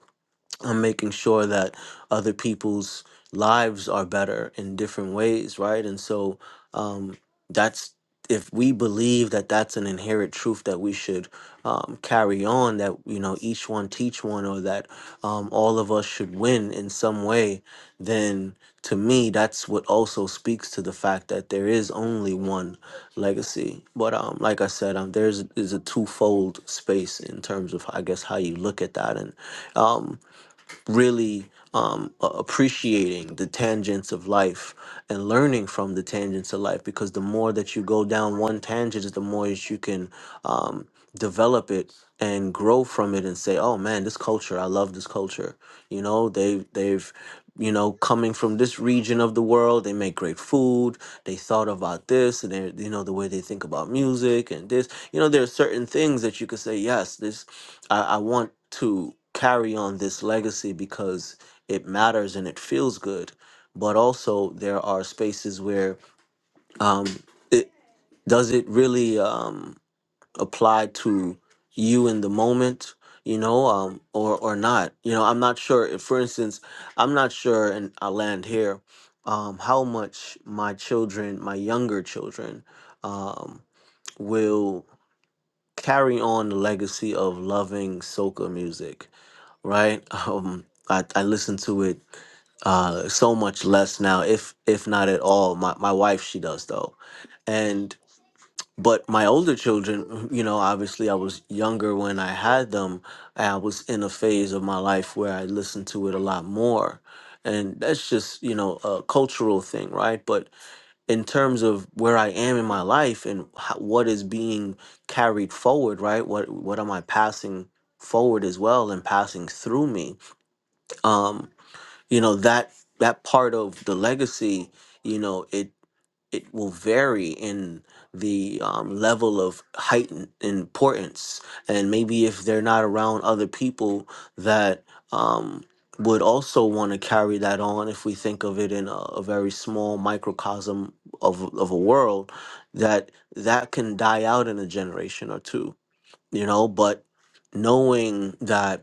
S4: I'm making sure that other people's lives are better in different ways, right? And so um, that's if we believe that that's an inherent truth that we should um, carry on, that you know each one teach one, or that um, all of us should win in some way, then to me that's what also speaks to the fact that there is only one legacy. But um, like I said, um, there's is a twofold space in terms of I guess how you look at that and. Um, really um, a- appreciating the tangents of life and learning from the tangents of life because the more that you go down one tangent, the more that you can um, develop it and grow from it and say, oh man, this culture, I love this culture. You know, they, they've, you know, coming from this region of the world, they make great food. They thought about this and they, you know, the way they think about music and this, you know, there are certain things that you could say, yes, this I, I want to carry on this legacy because it matters and it feels good. But also, there are spaces where um, it does it really um, apply to you in the moment, you know, um, or or not. You know, I'm not sure. If, for instance, I'm not sure, and I land here, um, how much my children, my younger children, um, will carry on the legacy of loving soca music right? [LAUGHS] Um, I, I listen to it uh, so much less now, if if not at all. My my wife she does though, and but my older children, you know, obviously I was younger when I had them. and I was in a phase of my life where I listened to it a lot more, and that's just you know a cultural thing, right? But in terms of where I am in my life and how, what is being carried forward, right? What what am I passing forward as well and passing through me? um, you know that that part of the legacy, you know, it it will vary in the um, level of height and importance, and maybe if they're not around other people that um, would also want to carry that on, if we think of it in a, a very small microcosm of of a world, that that can die out in a generation or two, you know, but knowing that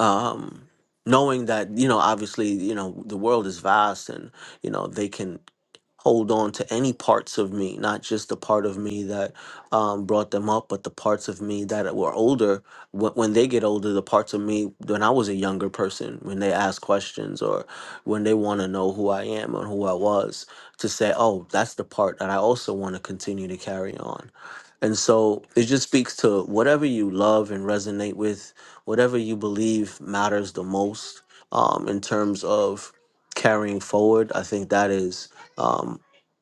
S4: um, knowing that you know obviously you know the world is vast and you know they can hold on to any parts of me, not just the part of me that um, brought them up, but the parts of me that were older. When, when they get older, the parts of me when I was a younger person, when they ask questions or when they want to know who I am and who I was, to say, oh, that's the part that I also want to continue to carry on. And so it just speaks to whatever you love and resonate with, whatever you believe matters the most um, in terms of carrying forward. I think that is um,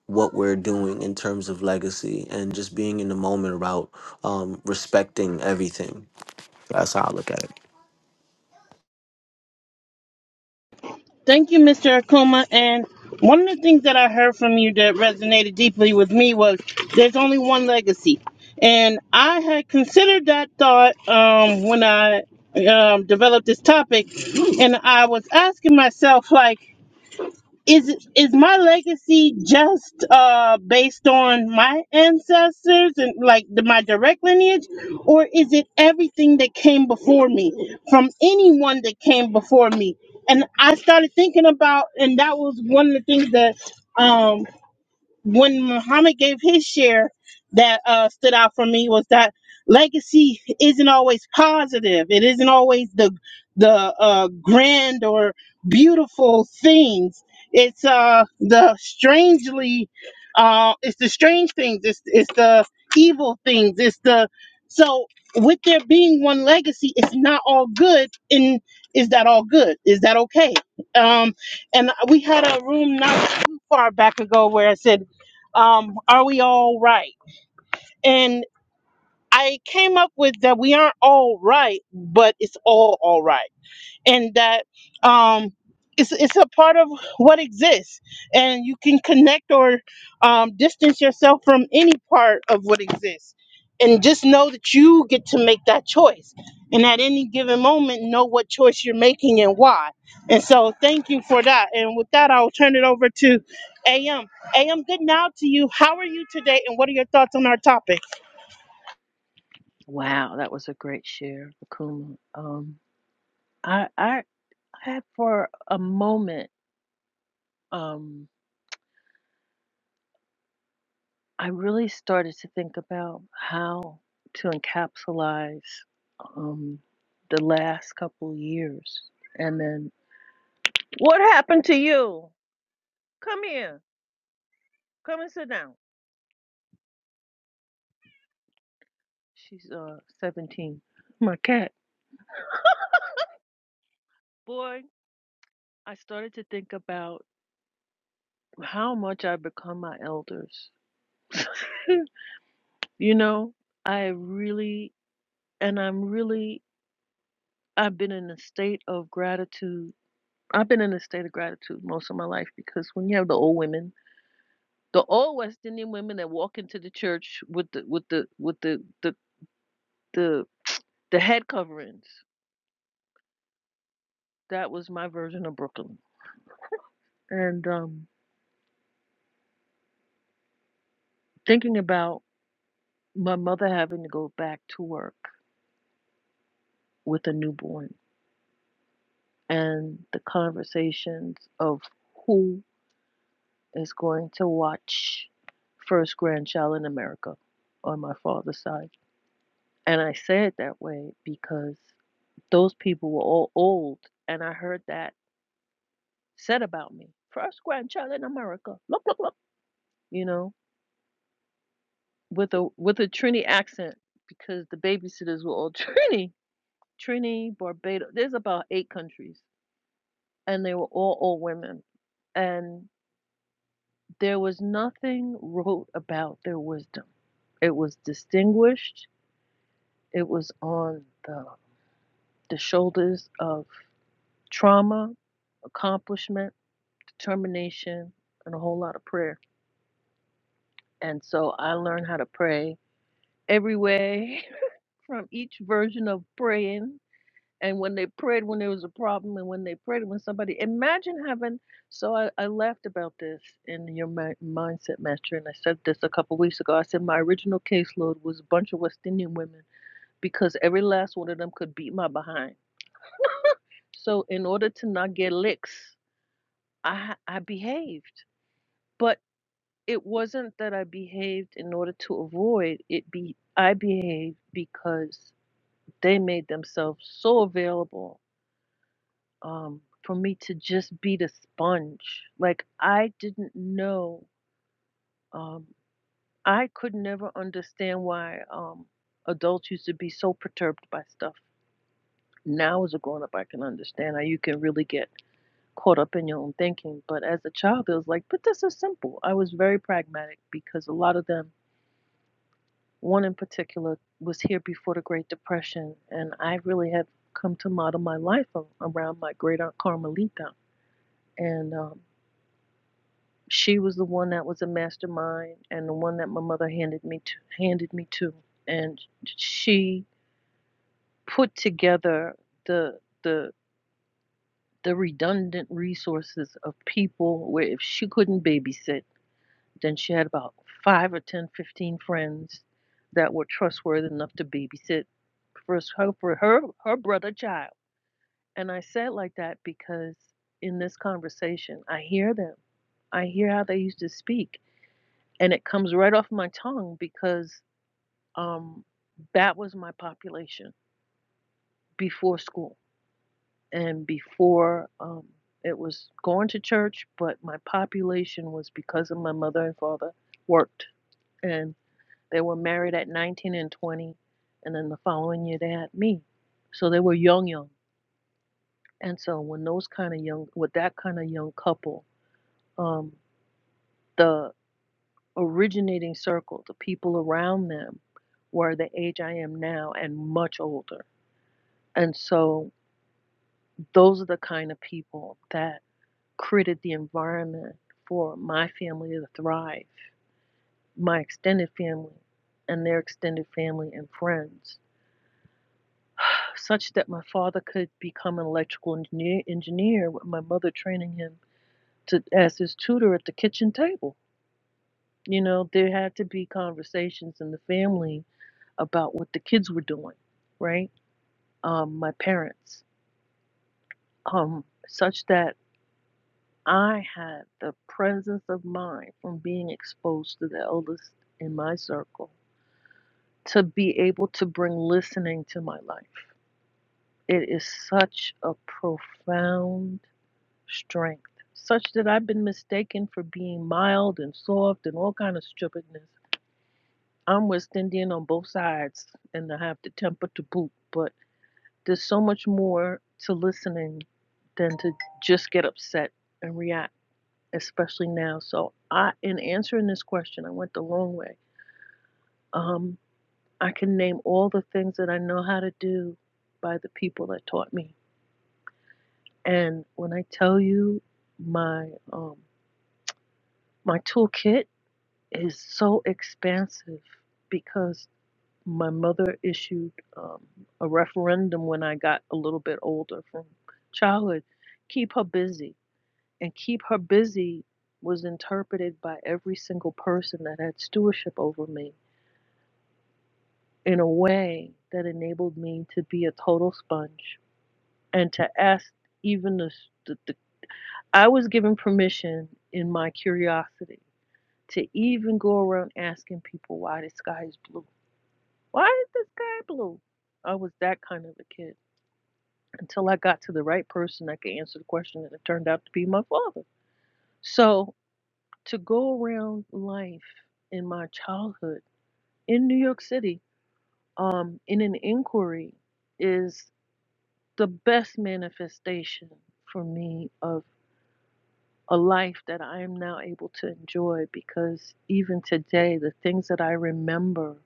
S4: what we're doing in terms of legacy and just being in the moment about um, respecting everything. That's how I look at it.
S1: Thank you, Mr. Akuma. And one of the things that I heard from you that resonated deeply with me was there's only one legacy. And I had considered that thought um, when I um, developed this topic. And I was asking myself, like, is is my legacy just uh based on my ancestors and like the, my direct lineage or is it everything that came before me from anyone that came before me and i started thinking about and that was one of the things that um when Muhammad gave his share that uh, stood out for me was that legacy isn't always positive. It isn't always the the uh, grand or beautiful things. It's uh the strangely uh it's the strange things. It's it's the evil things. It's the so with there being one legacy, it's not all good. And is that all good? Is that okay? Um, and we had a room not too far back ago where I said um, are we all right? And I came up with that we aren't all right, but it's all all right and that um, it's, it's a part of what exists and you can connect or um, distance yourself from any part of what exists and just know that you get to make that choice and at any given moment know what choice you're making and why and so thank you for that and with that i'll turn it over to am am good now to you how are you today and what are your thoughts on our topic
S5: Wow, that was a great share, Akuma. Um, I, I, I, for a moment, um, I really started to think about how to encapsulize um, the last couple years, and then what happened to you? Come here, come and sit down. She's uh 17. My cat. Boy, I started to think about how much I've become my elders. [LAUGHS] you know, I really and I'm really I've been in a state of gratitude. I've been in a state of gratitude most of my life because when you have the old women, the old West Indian women that walk into the church with the with the with the the the, the head coverings, that was my version of Brooklyn. And um, thinking about my mother having to go back to work with a newborn and the conversations of who. is going to watch First Grandchild in America on my father's side. And I say it that way because those people were all old, and I heard that said about me. First grandchild in America. Look, look, look. You know, with a with a Trini accent because the babysitters were all [LAUGHS] Trini, Trini, Barbados. There's about eight countries, and they were all old women, and there was nothing wrote about their wisdom. It was distinguished It was on the, the shoulders of trauma, accomplishment, determination, and a whole lot of prayer. And so I learned how to pray every way [LAUGHS] from each version of praying. And when they prayed when there was a problem, and when they prayed when somebody, imagine having. So I, I laughed about this in your mi- mindset master, and I said this a couple weeks ago. I said my original caseload was a bunch of West Indian women because every last one of them could beat my behind So in order to not get licks, I I behaved, but it wasn't that I behaved in order to avoid it. Be I behaved because they made themselves so available um, for me to just be the sponge. Like I didn't know. Um, I could never understand why um, adults used to be so perturbed by stuff. Now as a grown up, I can understand how you can really get caught up in your own thinking. But as a child, it was like, but this is simple. I was very pragmatic because a lot of them, one in particular, was here before the Great Depression. And I really had come to model my life a- around my great aunt Carmelita. And um, she was the one that was a mastermind and the one that my mother handed me to, handed me to. And she put together the, the, the redundant resources of people where if she couldn't babysit, Then she had about five or ten, fifteen friends that were trustworthy enough to babysit for her for her her brother child. And I said like that because in this conversation, I hear them. I hear how they used to speak, and it comes right off my tongue because um, that was my population before school and before um, it was going to church. But my population was because of my mother and father worked, and They were married at 19 and 20, and then the following year they had me. So they were young, young. And so when those kind of young, with that kind of young couple, um, the originating circle, the people around them, were the age I am now and much older. And so those are the kind of people that created the environment for my family to thrive, my extended family and their extended family and friends. such that my father could become an electrical engineer, engineer with my mother training him to as his tutor at the kitchen table. You know, there had to be conversations in the family about what the kids were doing, right? Um, my parents, um, such that I had the presence of mind from being exposed to the eldest in my circle to be able to bring listening to my life. It is such a profound strength, such that I've been mistaken for being mild and soft and all kind of stupidness. I'm West Indian on both sides, and I have the temper to boot. But there's so much more to listening than to just get upset and react, especially now. So I, in answering this question, I went the long way. Um, I can name all the things that I know how to do by the people that taught me. And when I tell you my um, my toolkit is so expansive because my mother issued um, a referendum when I got a little bit older from childhood keep her busy. And keep her busy was interpreted by every single person that had stewardship over me in a way that enabled me to be a total sponge and to ask even the, the, the I was given permission in my curiosity to even go around asking people why the sky is blue Why is the sky blue? I was that kind of a kid until I got to the right person that could answer the question, and it turned out to be my father. So to go around life in my childhood in New York City, um, in an inquiry, is the best manifestation for me of a life that I am now able to enjoy because even today, the things that I remember,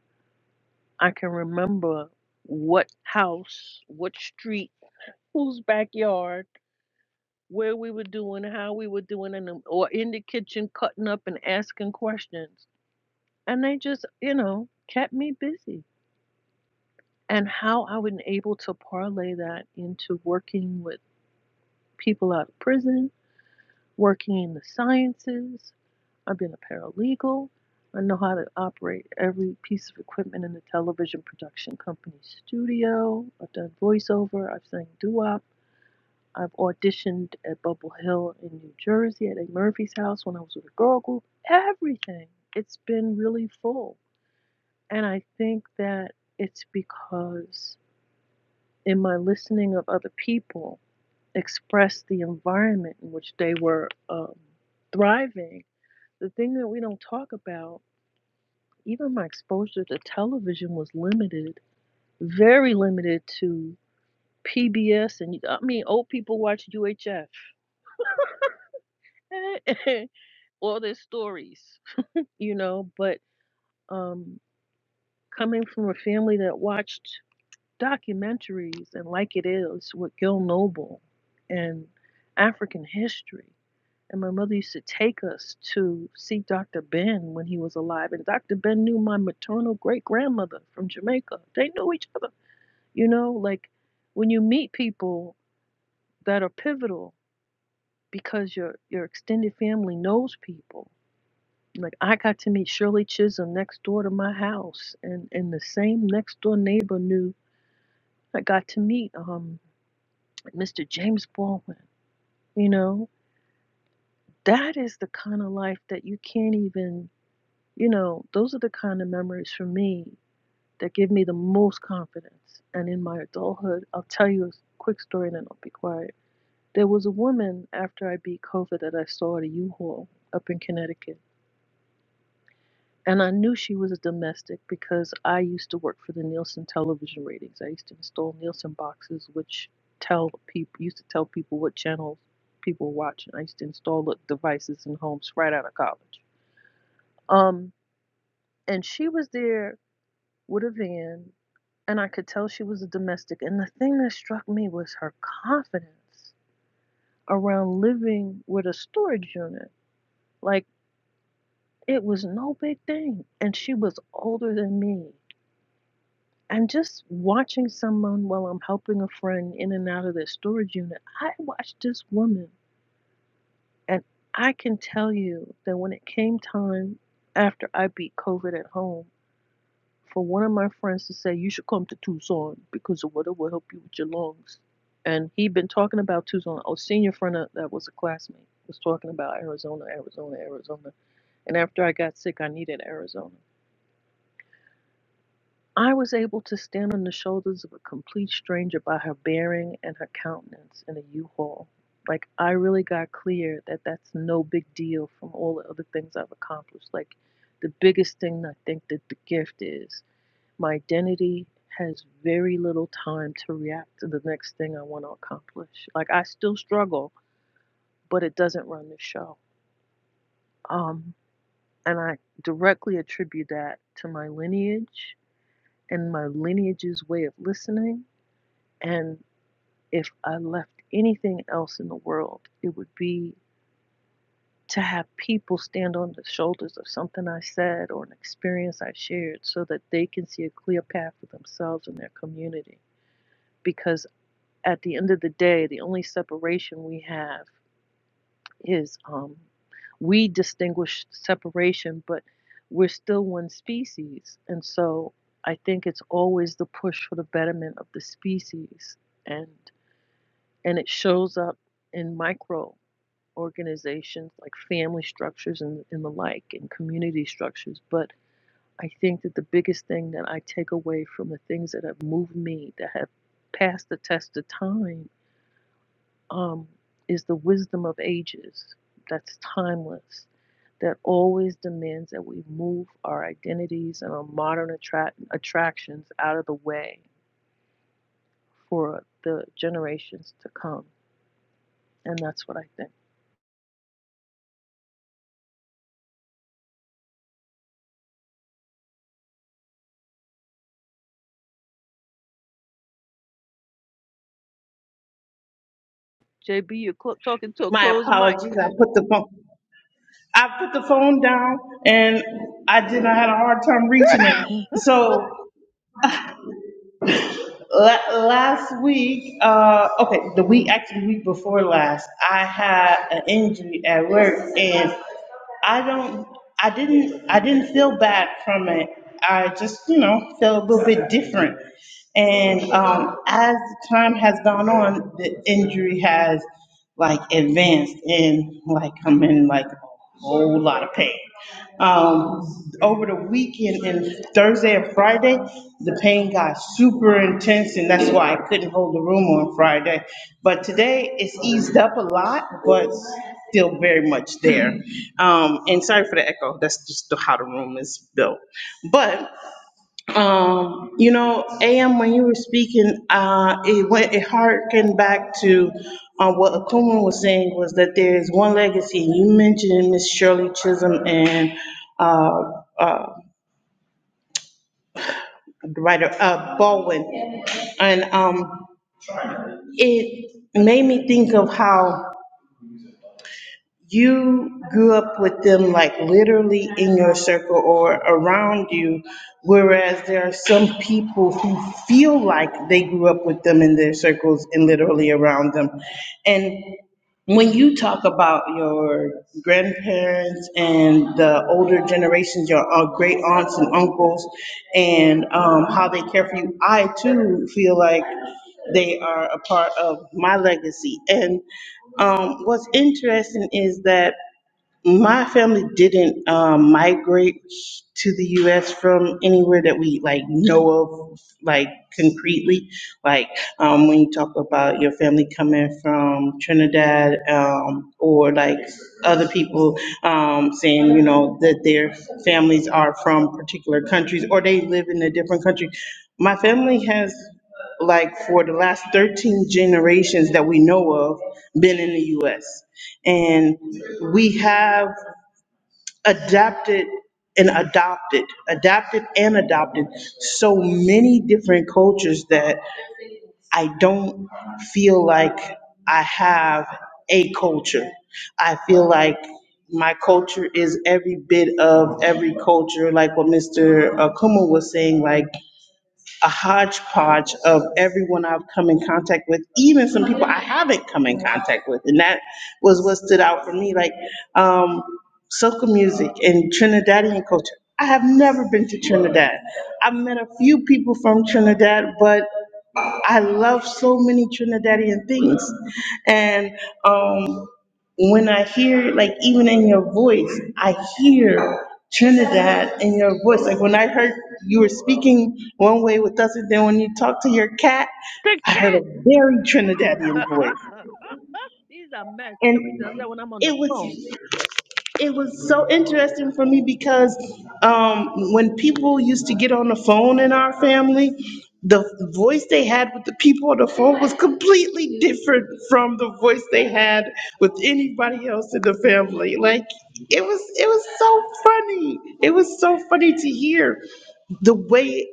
S5: I can remember what house, what street whose backyard, where we were doing, how we were doing, and um, or in the kitchen cutting up and asking questions. And they just, you know, kept me busy. And how I was able to parlay that into working with people out of prison, working in the sciences. I've been a paralegal. I know how to operate every piece of equipment in the television production company studio. I've done voiceover. I've sang doo I've auditioned at Bubble Hill in New Jersey at a Murphy's house when I was with a girl group. Everything. It's been really full. And I think that it's because in my listening of other people express the environment in which they were um, thriving, the thing that we don't talk about, even my exposure to television was limited, very limited to PBS. And I mean, old people watch UHF. [LAUGHS] all their stories, you know. But um, coming from a family that watched documentaries and like it is with Gil Noble and African history. And my mother used to take us to see Dr. Ben when he was alive. And Dr. Ben knew my maternal great grandmother from Jamaica. They knew each other. You know, like when you meet people that are pivotal because your, your extended family knows people, Like I got to meet Shirley Chisholm next door to my house, and and the same next door neighbor knew I got to meet um Mr. James Baldwin. You know, that is the kind of life that you can't even. You know, those are the kind of memories for me that give me the most confidence. And in my adulthood, I'll tell you a quick story, and then I'll be quiet. There was a woman after I beat COVID that I saw at a U-Haul up in Connecticut And I knew she was a domestic because I used to work for the Nielsen television ratings. I used to install Nielsen boxes, which tell people used to tell people what channels people were watching. I used to install the devices in homes right out of college. Um, and she was there with a van, and I could tell she was a domestic. And the thing that struck me was her confidence around living with a storage unit. Like it was no big thing, and she was older than me And just watching someone while I'm helping a friend in and out of their storage unit, I watched this woman. And I can tell you that when it came time after I beat COVID at home, for one of my friends to say, You should come to Tucson because the weather will help you with your lungs. And he'd been talking about Tucson. A senior friend that was a classmate was talking about Arizona, Arizona, Arizona. And after I got sick, I needed Arizona. I was able to stand on the shoulders of a complete stranger by her bearing and her countenance in a U-Haul. Like, I really got clear that that's no big deal from all the other things I've accomplished. Like, the biggest thing I think that the gift is my identity has very little time to react to the next thing I want to accomplish. Like, I still struggle, but it doesn't run the show. Um, and I directly attribute that to my lineage and my lineage's way of listening And if I left anything else in the world, it would be to have people stand on the shoulders of something I said or an experience I shared so that they can see a clear path for themselves and their community. Because at the end of the day, the only separation we have is um, we distinguish separation, but we're still one species. And so I think it's always the push for the betterment of the species. and. and it shows up in micro organizations like family structures and, and the like and community structures but i think that the biggest thing that i take away from the things that have moved me that have passed the test of time um, is the wisdom of ages that's timeless that always demands that we move our identities and our modern attract- attractions out of the way for the generations to come and that's what i think JB, you're clo- talking to a
S1: my
S5: closed mic.
S1: apologies i put the phone I put the phone down and I did. I had a hard time reaching it.
S5: [LAUGHS]
S1: So la- last week, uh, okay, the week actually week before last, I had an injury at work and I don't. I didn't. I didn't feel bad from it. I just, you know, felt a little bit different. And um, as time has gone on, the injury has like advanced and like I'm in like a whole lot of pain. Um, over the weekend and Thursday and Friday, the pain got super intense and that's why I couldn't hold the room on Friday. But today it's eased up a lot, but still very much there. Um, and sorry for the echo, that's just how the room is built. But um, you know, AM, when you were speaking, uh, it went, it harkened back to, uh, what Akuma was saying was that there is one legacy. You mentioned Miss Shirley Chisholm and, uh, uh, the writer, uh, Baldwin. And, um, it made me think of how you grew up with them like literally in your circle or around you, whereas there are some people who feel like they grew up with them in their circles and literally around them. And when you talk about your grandparents and the older generations, your uh, great aunts and uncles, and um, how they care for you, I too feel like they are a part of my legacy. And um, what's interesting is that my family didn't um, migrate to the U.S. from anywhere that we like know of, like concretely. Like um, when you talk about your family coming from Trinidad, um, or like other people um, saying, you know, that their families are from particular countries or they live in a different country. My family has like for the last 13 generations that we know of been in the US. And we have adapted and adopted, adapted and adopted so many different cultures that I don't feel like I have a culture. I feel like my culture is every bit of every culture, like what Mr. Akuma was saying, like a hodgepodge of everyone I've come in contact with, even some people I haven't come in contact with. And that was what stood out for me, like, um, soca music and Trinidadian culture. I have never been to Trinidad. I've met a few people from Trinidad, but I love so many Trinidadian things. And um, when I hear, like, even in your voice, I hear Trinidad in your voice. Like, when I heard you were speaking one way with us, and then when you talk to your cat,
S5: the
S1: I heard
S5: cat.
S1: a very
S5: [LAUGHS]
S1: Trinidadian voice.
S5: These are mess. He only
S1: And
S5: does that when I'm on the
S1: it
S5: phone.
S1: was it was so interesting for me because um, when people used to get on the phone in our family, the voice they had with the people on the phone was completely different from the voice they had with anybody else in the family. Like it was, it was so funny. It was so funny to hear the way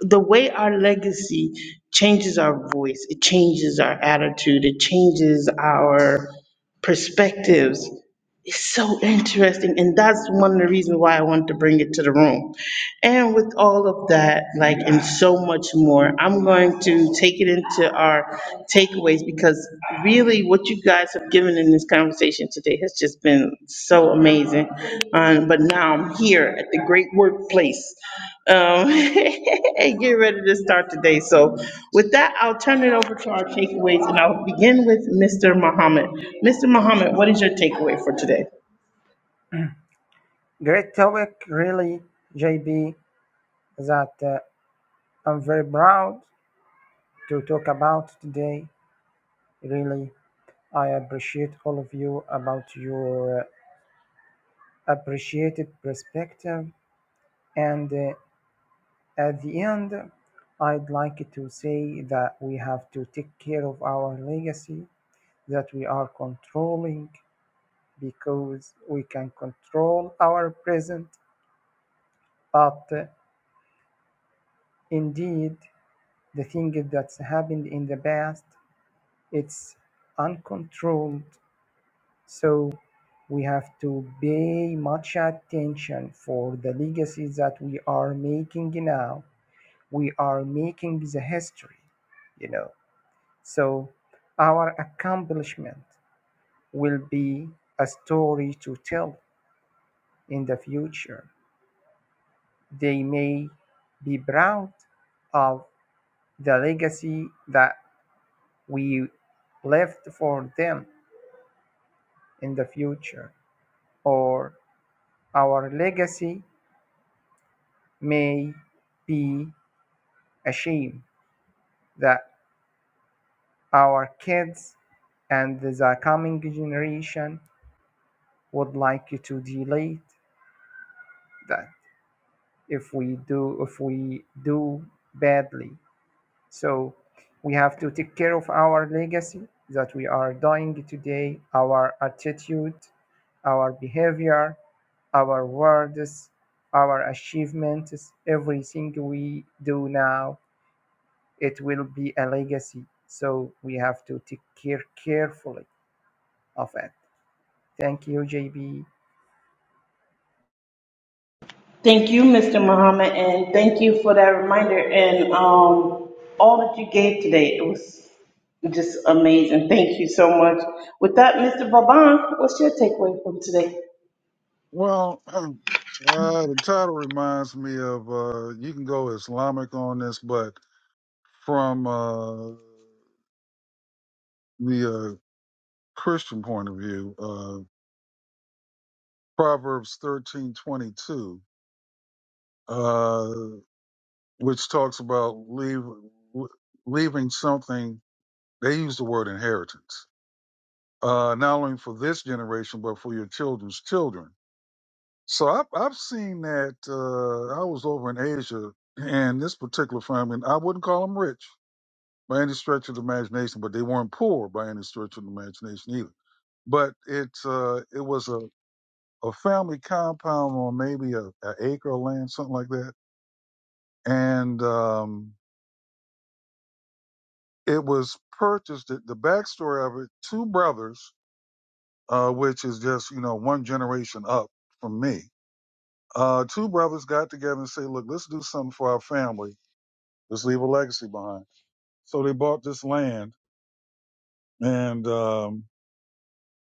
S1: the way our legacy changes our voice, it changes our attitude, it changes our perspectives. It's so interesting. And that's one of the reasons why I wanted to bring it to the room. And with all of that, like, and so much more, I'm going to take it into our takeaways because really what you guys have given in this conversation today has just been so amazing. Um, but now I'm here at the great workplace. Um, [LAUGHS] and get ready to start today. So with that, I'll turn it over to our takeaways and I'll begin with Mr. Muhammad. Mr. Muhammad, what is your takeaway for today?
S2: Great topic, really, JB, that uh, I'm very proud to talk about today. Really, I appreciate all of you about your uh, appreciated perspective and uh, At the end, I'd like to say that we have to take care of our legacy that we are controlling because we can control our present. But uh, indeed, the thing that's happened in the past, it's uncontrolled. So we have to pay much attention for the legacy that we are making now. We are making the history, you know. So our accomplishment will be a story to tell in the future. They may be proud of the legacy that we left for them in the future, or our legacy may be a shame that our kids and the coming generation would like to delete that. if we do if we do badly so we have to take care of our legacy that we are doing today our attitude our behavior our words our achievements everything we do now it will be a legacy so we have to take care carefully of it thank you jb
S1: Thank you, Mr. Muhammad, and thank you for that reminder and um, all that you gave today. It was just amazing. Thank you so much. With that, Mr. Baban, what's your takeaway from today?
S3: Well, [CLEARS THROAT] uh, the title reminds me of uh, you can go Islamic on this, but from uh, the uh, Christian point of view, uh, Proverbs thirteen twenty two. which talks about leave, leaving something. They use the word inheritance, uh, not only for this generation, but for your children's children. So I've, I've seen that. Uh, I was over in Asia, and this particular family, and I wouldn't call them rich by any stretch of the imagination, but they weren't poor by any stretch of the imagination either. But it uh, it was a, a family compound on maybe a, a acre of land, something like that, and um, it was purchased. The, the backstory of it, two brothers, uh, which is just you know one generation up from me. Uh, two brothers got together and say, look, let's do something for our family. Let's leave a legacy behind. So they bought this land, and um,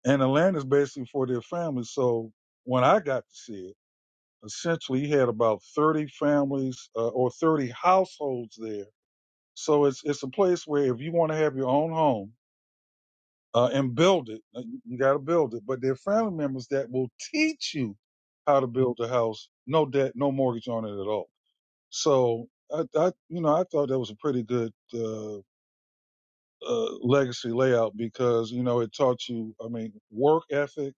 S3: and the land is basically for their family. So when I got to see it, essentially he had about thirty families uh, or thirty households there. So it's it's a place where if you want to have your own home uh, and build it. Like, You gotta build it. But there are family members that will teach you how to build a house, no debt, no mortgage on it at all. So I, I you know, I thought that was a pretty good uh, uh, legacy layout because you know it taught you. I mean, work ethic,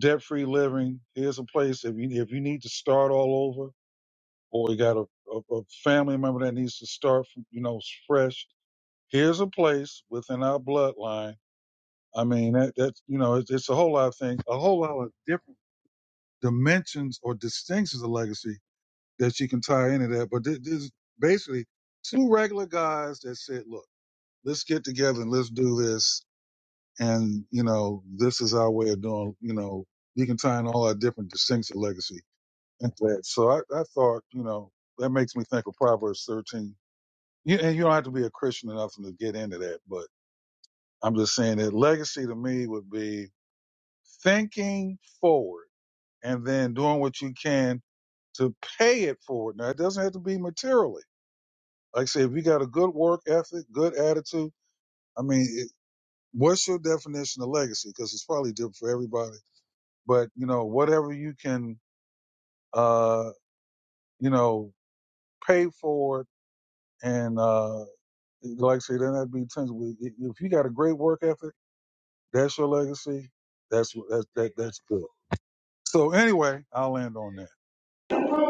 S3: debt-free living. Here's a place if you if you need to start all over, or you got a, a, a family member that needs to start, from, you know, fresh. Here's a place within our bloodline I mean, that, that's, you know, it's, it's a whole lot of things, a whole lot of different dimensions or distinctions of legacy that she can tie into that. But this, this is basically two regular guys that said, look, let's get together and let's do this. And, you know, this is our way of doing, you know, you can tie in all our different distinctions of legacy into that. So I, I thought, you know, that makes me think of Proverbs 13. You, and you don't have to be a Christian or nothing to get into that, but I'm just saying that legacy to me would be thinking forward and then doing what you can to pay it forward. Now, it doesn't have to be materially. Like I said, if you got a good work ethic, good attitude, I mean, it, what's your definition of legacy? Because it's probably different for everybody. But, you know, whatever you can, uh, you know, pay forward and, uh, like I said, then that'd be tangible. I- If you got a great work ethic, that's your legacy. That's, what- that's, that, that's good. So anyway, I'll end on that.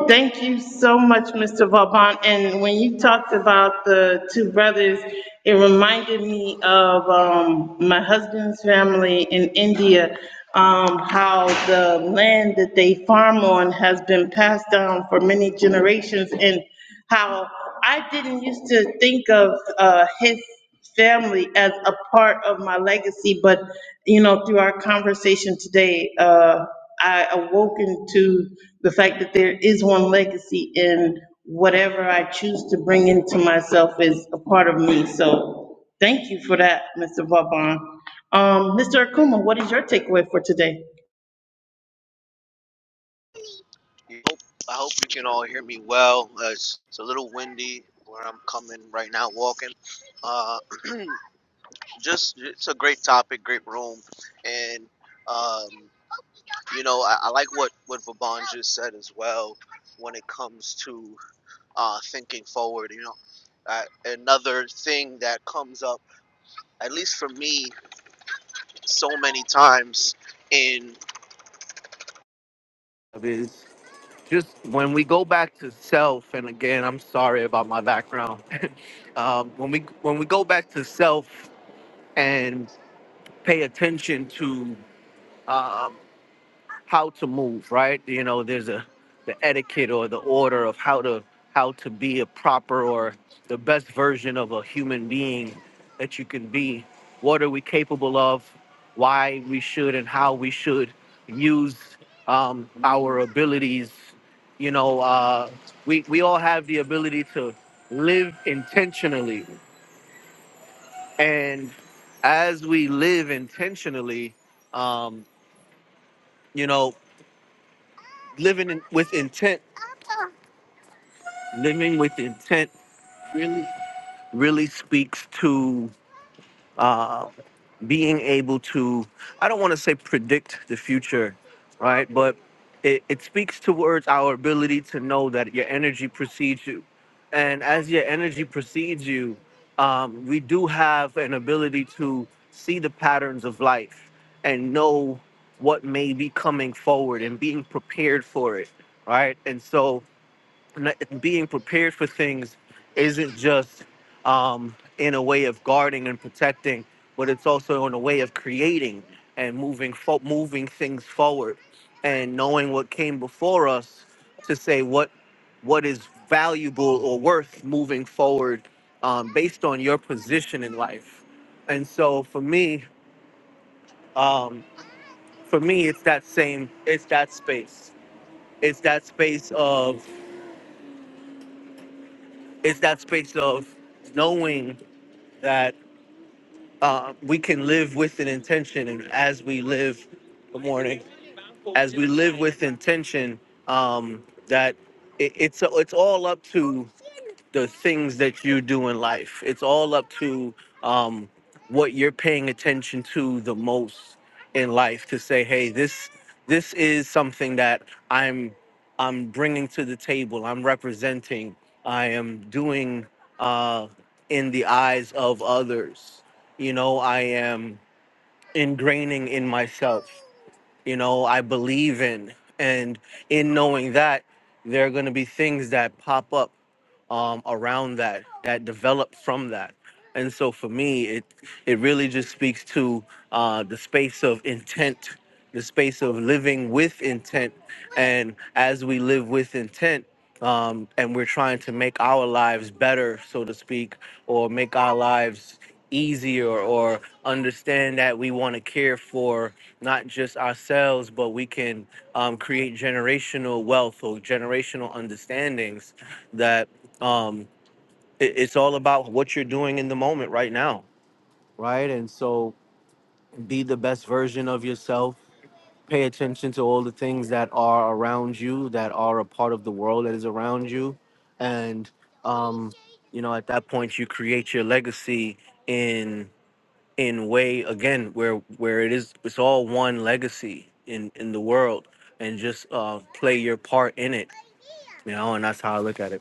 S1: Thank you so much, Mr. Vauban. And when you talked about the two brothers, it reminded me of um, my husband's family in India, um, how the land that they farm on has been passed down for many generations and how I didn't used to think of uh, his family as a part of my legacy, but, you know, through our conversation today, uh, I awoken to the fact that there is one legacy and whatever I choose to bring into myself is a part of me. So thank you for that, Mr. Vaughn. Um, Mr. Akuma, what is your takeaway for today?
S4: You hope, I hope you can all hear me well. Uh, it's, it's a little windy where I'm coming right now, walking. Uh, [CLEARS THROAT] just it's a great topic, great room, and um, you know I, I like what what Vaban just said as well when it comes to uh, thinking forward. You know, uh, another thing that comes up, at least for me, so many times in is just when we go back to self. And again, I'm sorry about my background. [LAUGHS] um, when we when we go back to self and pay attention to. um, how to move, right? You know, there's a the etiquette or the order of how to how to be a proper or the best version of a human being that you can be. What are we capable of? Why we should and how we should use um, our abilities. You know, uh, we we all have the ability to live intentionally, and as we live intentionally, um, you know, living in, with intent living with intent really really speaks to uh, being able to i don't want to say predict the future right but it, it speaks towards our ability to know that your energy precedes you and as your energy precedes you um, we do have an ability to see the patterns of life and know what may be coming forward and being prepared for it right and so n- being prepared for things isn't just um, in a way of guarding and protecting, but it's also in a way of creating and moving fo- moving things forward, and knowing what came before us to say what what is valuable or worth moving forward um, based on your position in life. And so for me, um, for me, it's that same, it's that space, it's that space of, it's that space of knowing that uh, we can live with an intention and as we live good morning as we live with intention um, that it, it's it's all up to the things that you do in life. It's all up to um, what you're paying attention to the most in life to say, hey, this this is something that I'm I'm bringing to the table. I'm representing. I am doing uh, in the eyes of others. You know, I am ingraining in myself you know, I believe in. And in knowing that, there are going to be things that pop up um, around that, that develop from that. And so for me, it it really just speaks to uh, the space of intent, the space of living with intent, and as we live with intent, um, and we're trying to make our lives better, so to speak, or make our lives easier, or understand that we want to care for not just ourselves, but we can um, create generational wealth or generational understandings that um, it- it's all about what you're doing in the moment right now, right? And so be the best version of yourself. Pay attention to all the things that are around you, that are a part of the world that is around you. And, um, you know, at that point, you create your legacy in in way again where where it is it's all one legacy in in the world and just uh play your part in it you know and that's how i look at it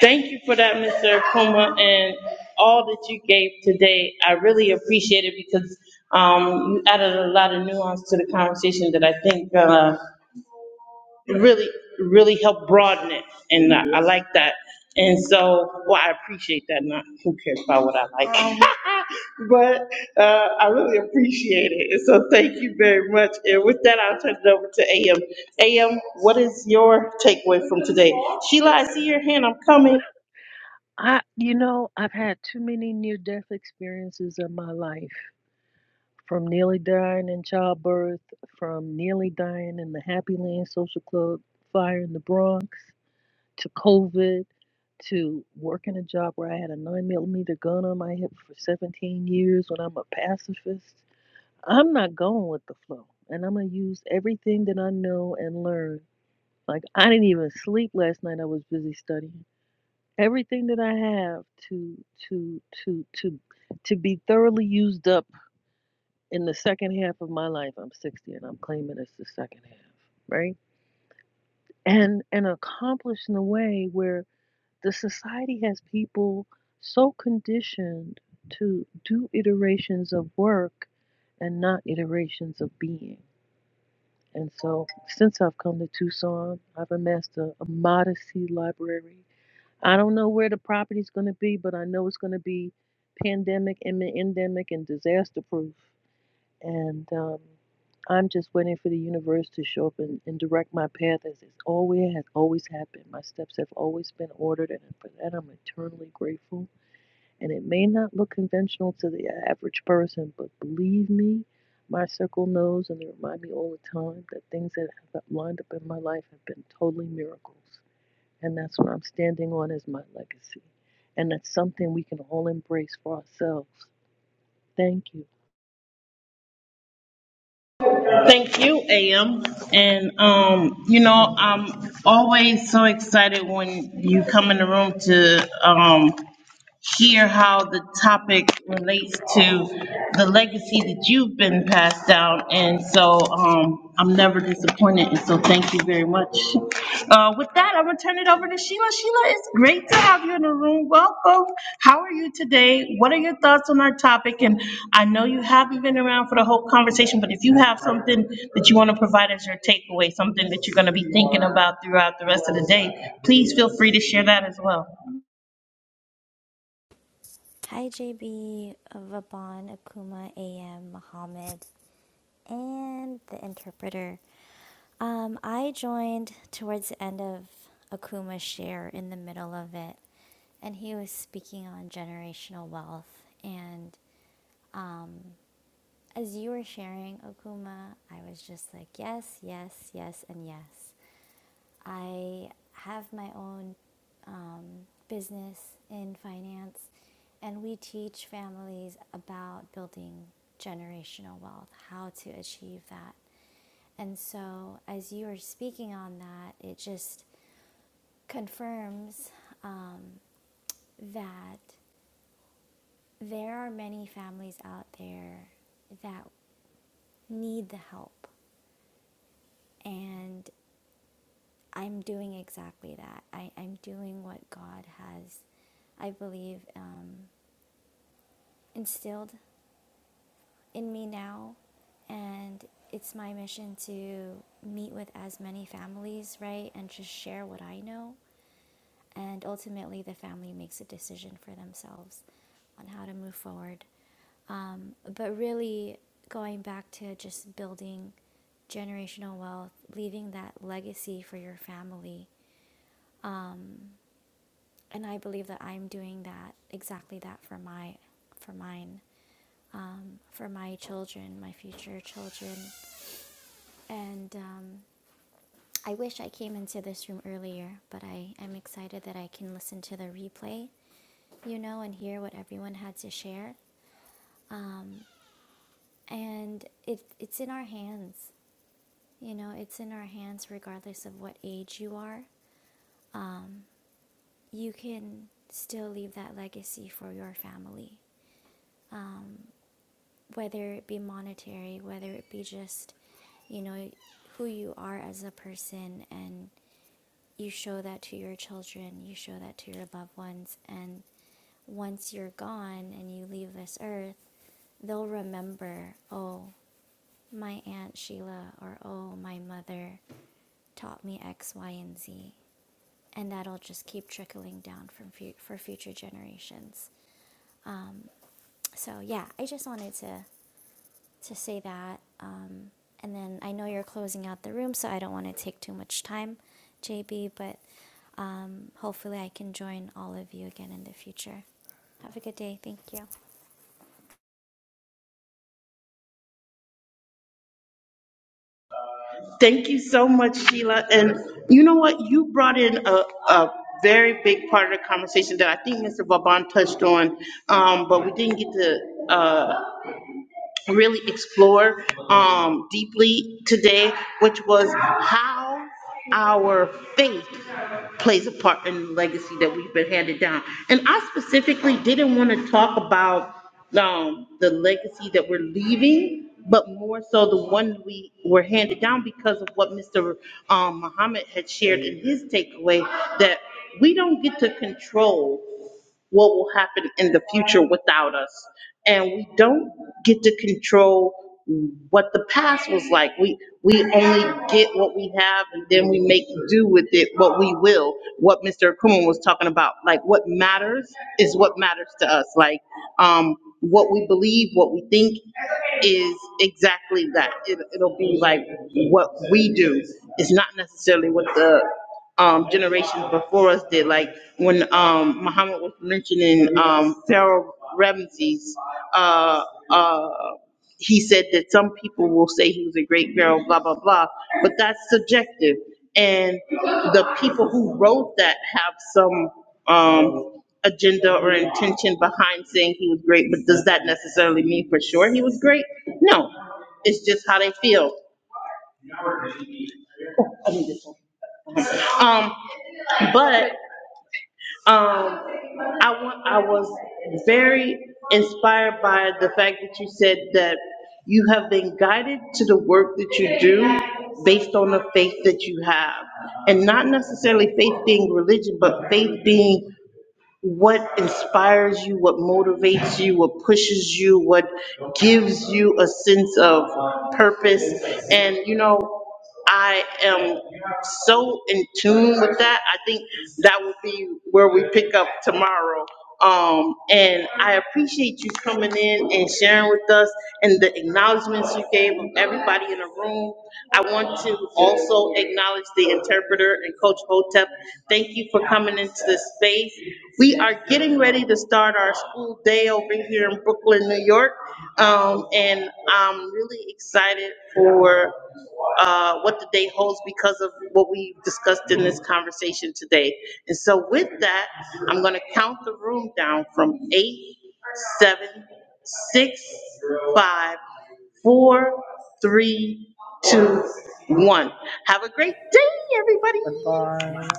S1: Thank you for that, Mr. Akuma, and all that you gave today. I really appreciate it because um, you added a lot of nuance to the conversation that I think uh, really, really helped broaden it, and I I like that. And so, well, I appreciate that, not who cares about what I like. [LAUGHS] But uh, I really appreciate it, and so thank you very much. And with that, I'll turn it over to AM. AM, what is your takeaway from today? Sheila, I see your hand, I'm coming.
S5: I, you know, I've had too many near-death experiences in my life. From nearly dying in childbirth, from nearly dying in the Happy Land Social Club fire in the Bronx, to COVID, to working a job where I had a nine millimeter gun on my hip for 17 years when I'm a pacifist. I'm not going with the flow. And I'm going to use everything that I know and learn. Like I didn't even sleep last night. I was busy studying. Everything that I have to to to to to be thoroughly used up in the second half of my life. I'm 60 and I'm claiming it's the second half, right? And and accomplish in a way where the society has people so conditioned to do iterations of work and not iterations of being And so, since I've come to Tucson, I've amassed a, a modesty library. I don't know where the property's going to be, but I know it's going to be pandemic and endemic and disaster proof. And um, I'm just waiting for the universe to show up and, and direct my path as it's always has always happened. My steps have always been ordered, and for that I'm eternally grateful. And it may not look conventional to the average person, but believe me, my circle knows and they remind me all the time that things that have lined up in my life have been totally miracles. And that's what I'm standing on as my legacy. And that's something we can all embrace for ourselves. Thank you.
S1: Thank you, AM. And, um, you know, I'm always so excited when you come in the room to, um, hear how the topic relates to the legacy that you've been passed down. And so um, I'm never disappointed, and so thank you very much. Uh, With that, I'm going to turn it over to Sheila. Sheila, it's great to have you in the room. Welcome. How are you today? What are your thoughts on our topic? And I know you haven't been around for the whole conversation, but if you have something that you want to provide as your takeaway, something that you're going to be thinking about throughout the rest of the day, please feel free to share that as well.
S6: Hi, JB, Vaban, Akuma, AM, Muhammad, and the interpreter. Um, I joined towards the end of Akuma's share in the middle of it, and he was speaking on generational wealth. And as you were sharing, Okuma, I was just like, yes, yes, yes, and yes. I have my own um, business in finance, and we teach families about building generational wealth, how to achieve that. And so, as you were speaking on that, it just confirms um, that there are many families out there that need the help And I'm doing exactly that. I, I'm doing what God has, I believe, um, instilled in me now. And it's my mission to meet with as many families, right? And just share what I know. And ultimately, the family makes a decision for themselves on how to move forward. Um, but really, going back to just building generational wealth, leaving that legacy for your family and I believe that I'm doing that exactly that for my for mine um, for my children, my future children, and um, I wish I came into this room earlier, but I am excited that I can listen to the replay, you know, and hear what everyone had to share, and it it's in our hands, you know, it's in our hands regardless of what age you are. You can still leave that legacy for your family whether it be monetary, whether it be just, you know, who you are as a person, and you show that to your children, you show that to your loved ones, and once you're gone and you leave this earth, they'll remember, oh, my Aunt Sheila, or oh, my mother taught me X, Y, and Z. And that'll just keep trickling down from fu- for future generations. So, yeah, I just wanted to to say that. Um, and then I know you're closing out the room, so I don't want to take too much time, JB, but um, hopefully I can join all of you again in the future. Have a good day. Thank you.
S1: Thank you so much, Sheila. And you know what? You brought in a, a very big part of the conversation that I think Mr. Vaban touched on, um, but we didn't get to, uh, really explore um, deeply today, which was how our faith plays a part in the legacy that we've been handed down. And I specifically didn't want to talk about um, the legacy that we're leaving, but more so the one we were handed down because of what Mr. Um, Muhammad had shared in his takeaway that we don't get to control what will happen in the future without us. And we don't get to control what the past was like. We, we only get what we have and then we make do with it what we will. What Mr. Akuma was talking about, like what matters is what matters to us. Like, um, what we believe, what we think is exactly that. It, it'll be like what we do. It's not necessarily what the um, generations before us did. Like when um, Muhammad was mentioning um, Pharaoh Ramses, uh, uh, he said that some people will say he was a great pharaoh, blah, blah, blah, but that's subjective. And the people who wrote that have some um, agenda or intention behind saying he was great, but does that necessarily mean for sure he was great? No, it's just how they feel. Oh, I need this one. Um, but Um, I want, I was very inspired by the fact that you said that you have been guided to the work that you do based on the faith that you have. And not necessarily faith being religion, but faith being what inspires you, what motivates you, what pushes you, what gives you a sense of purpose. And, you know, I am so in tune with that. I think that will be where we pick up tomorrow um, and I appreciate you coming in and sharing with us and the acknowledgements you gave of everybody in the room. I want to also acknowledge the interpreter and Coach Hotep. Thank you for coming into this space. We are getting ready to start our school day over here in Brooklyn, New York. Um, and i am really excited for uh, what the day holds because of what we discussed in this conversation today. And so with that, I'm going to count the room down from eight, seven, six, five, four, three, two, one. Have a great day, everybody.
S2: goodbye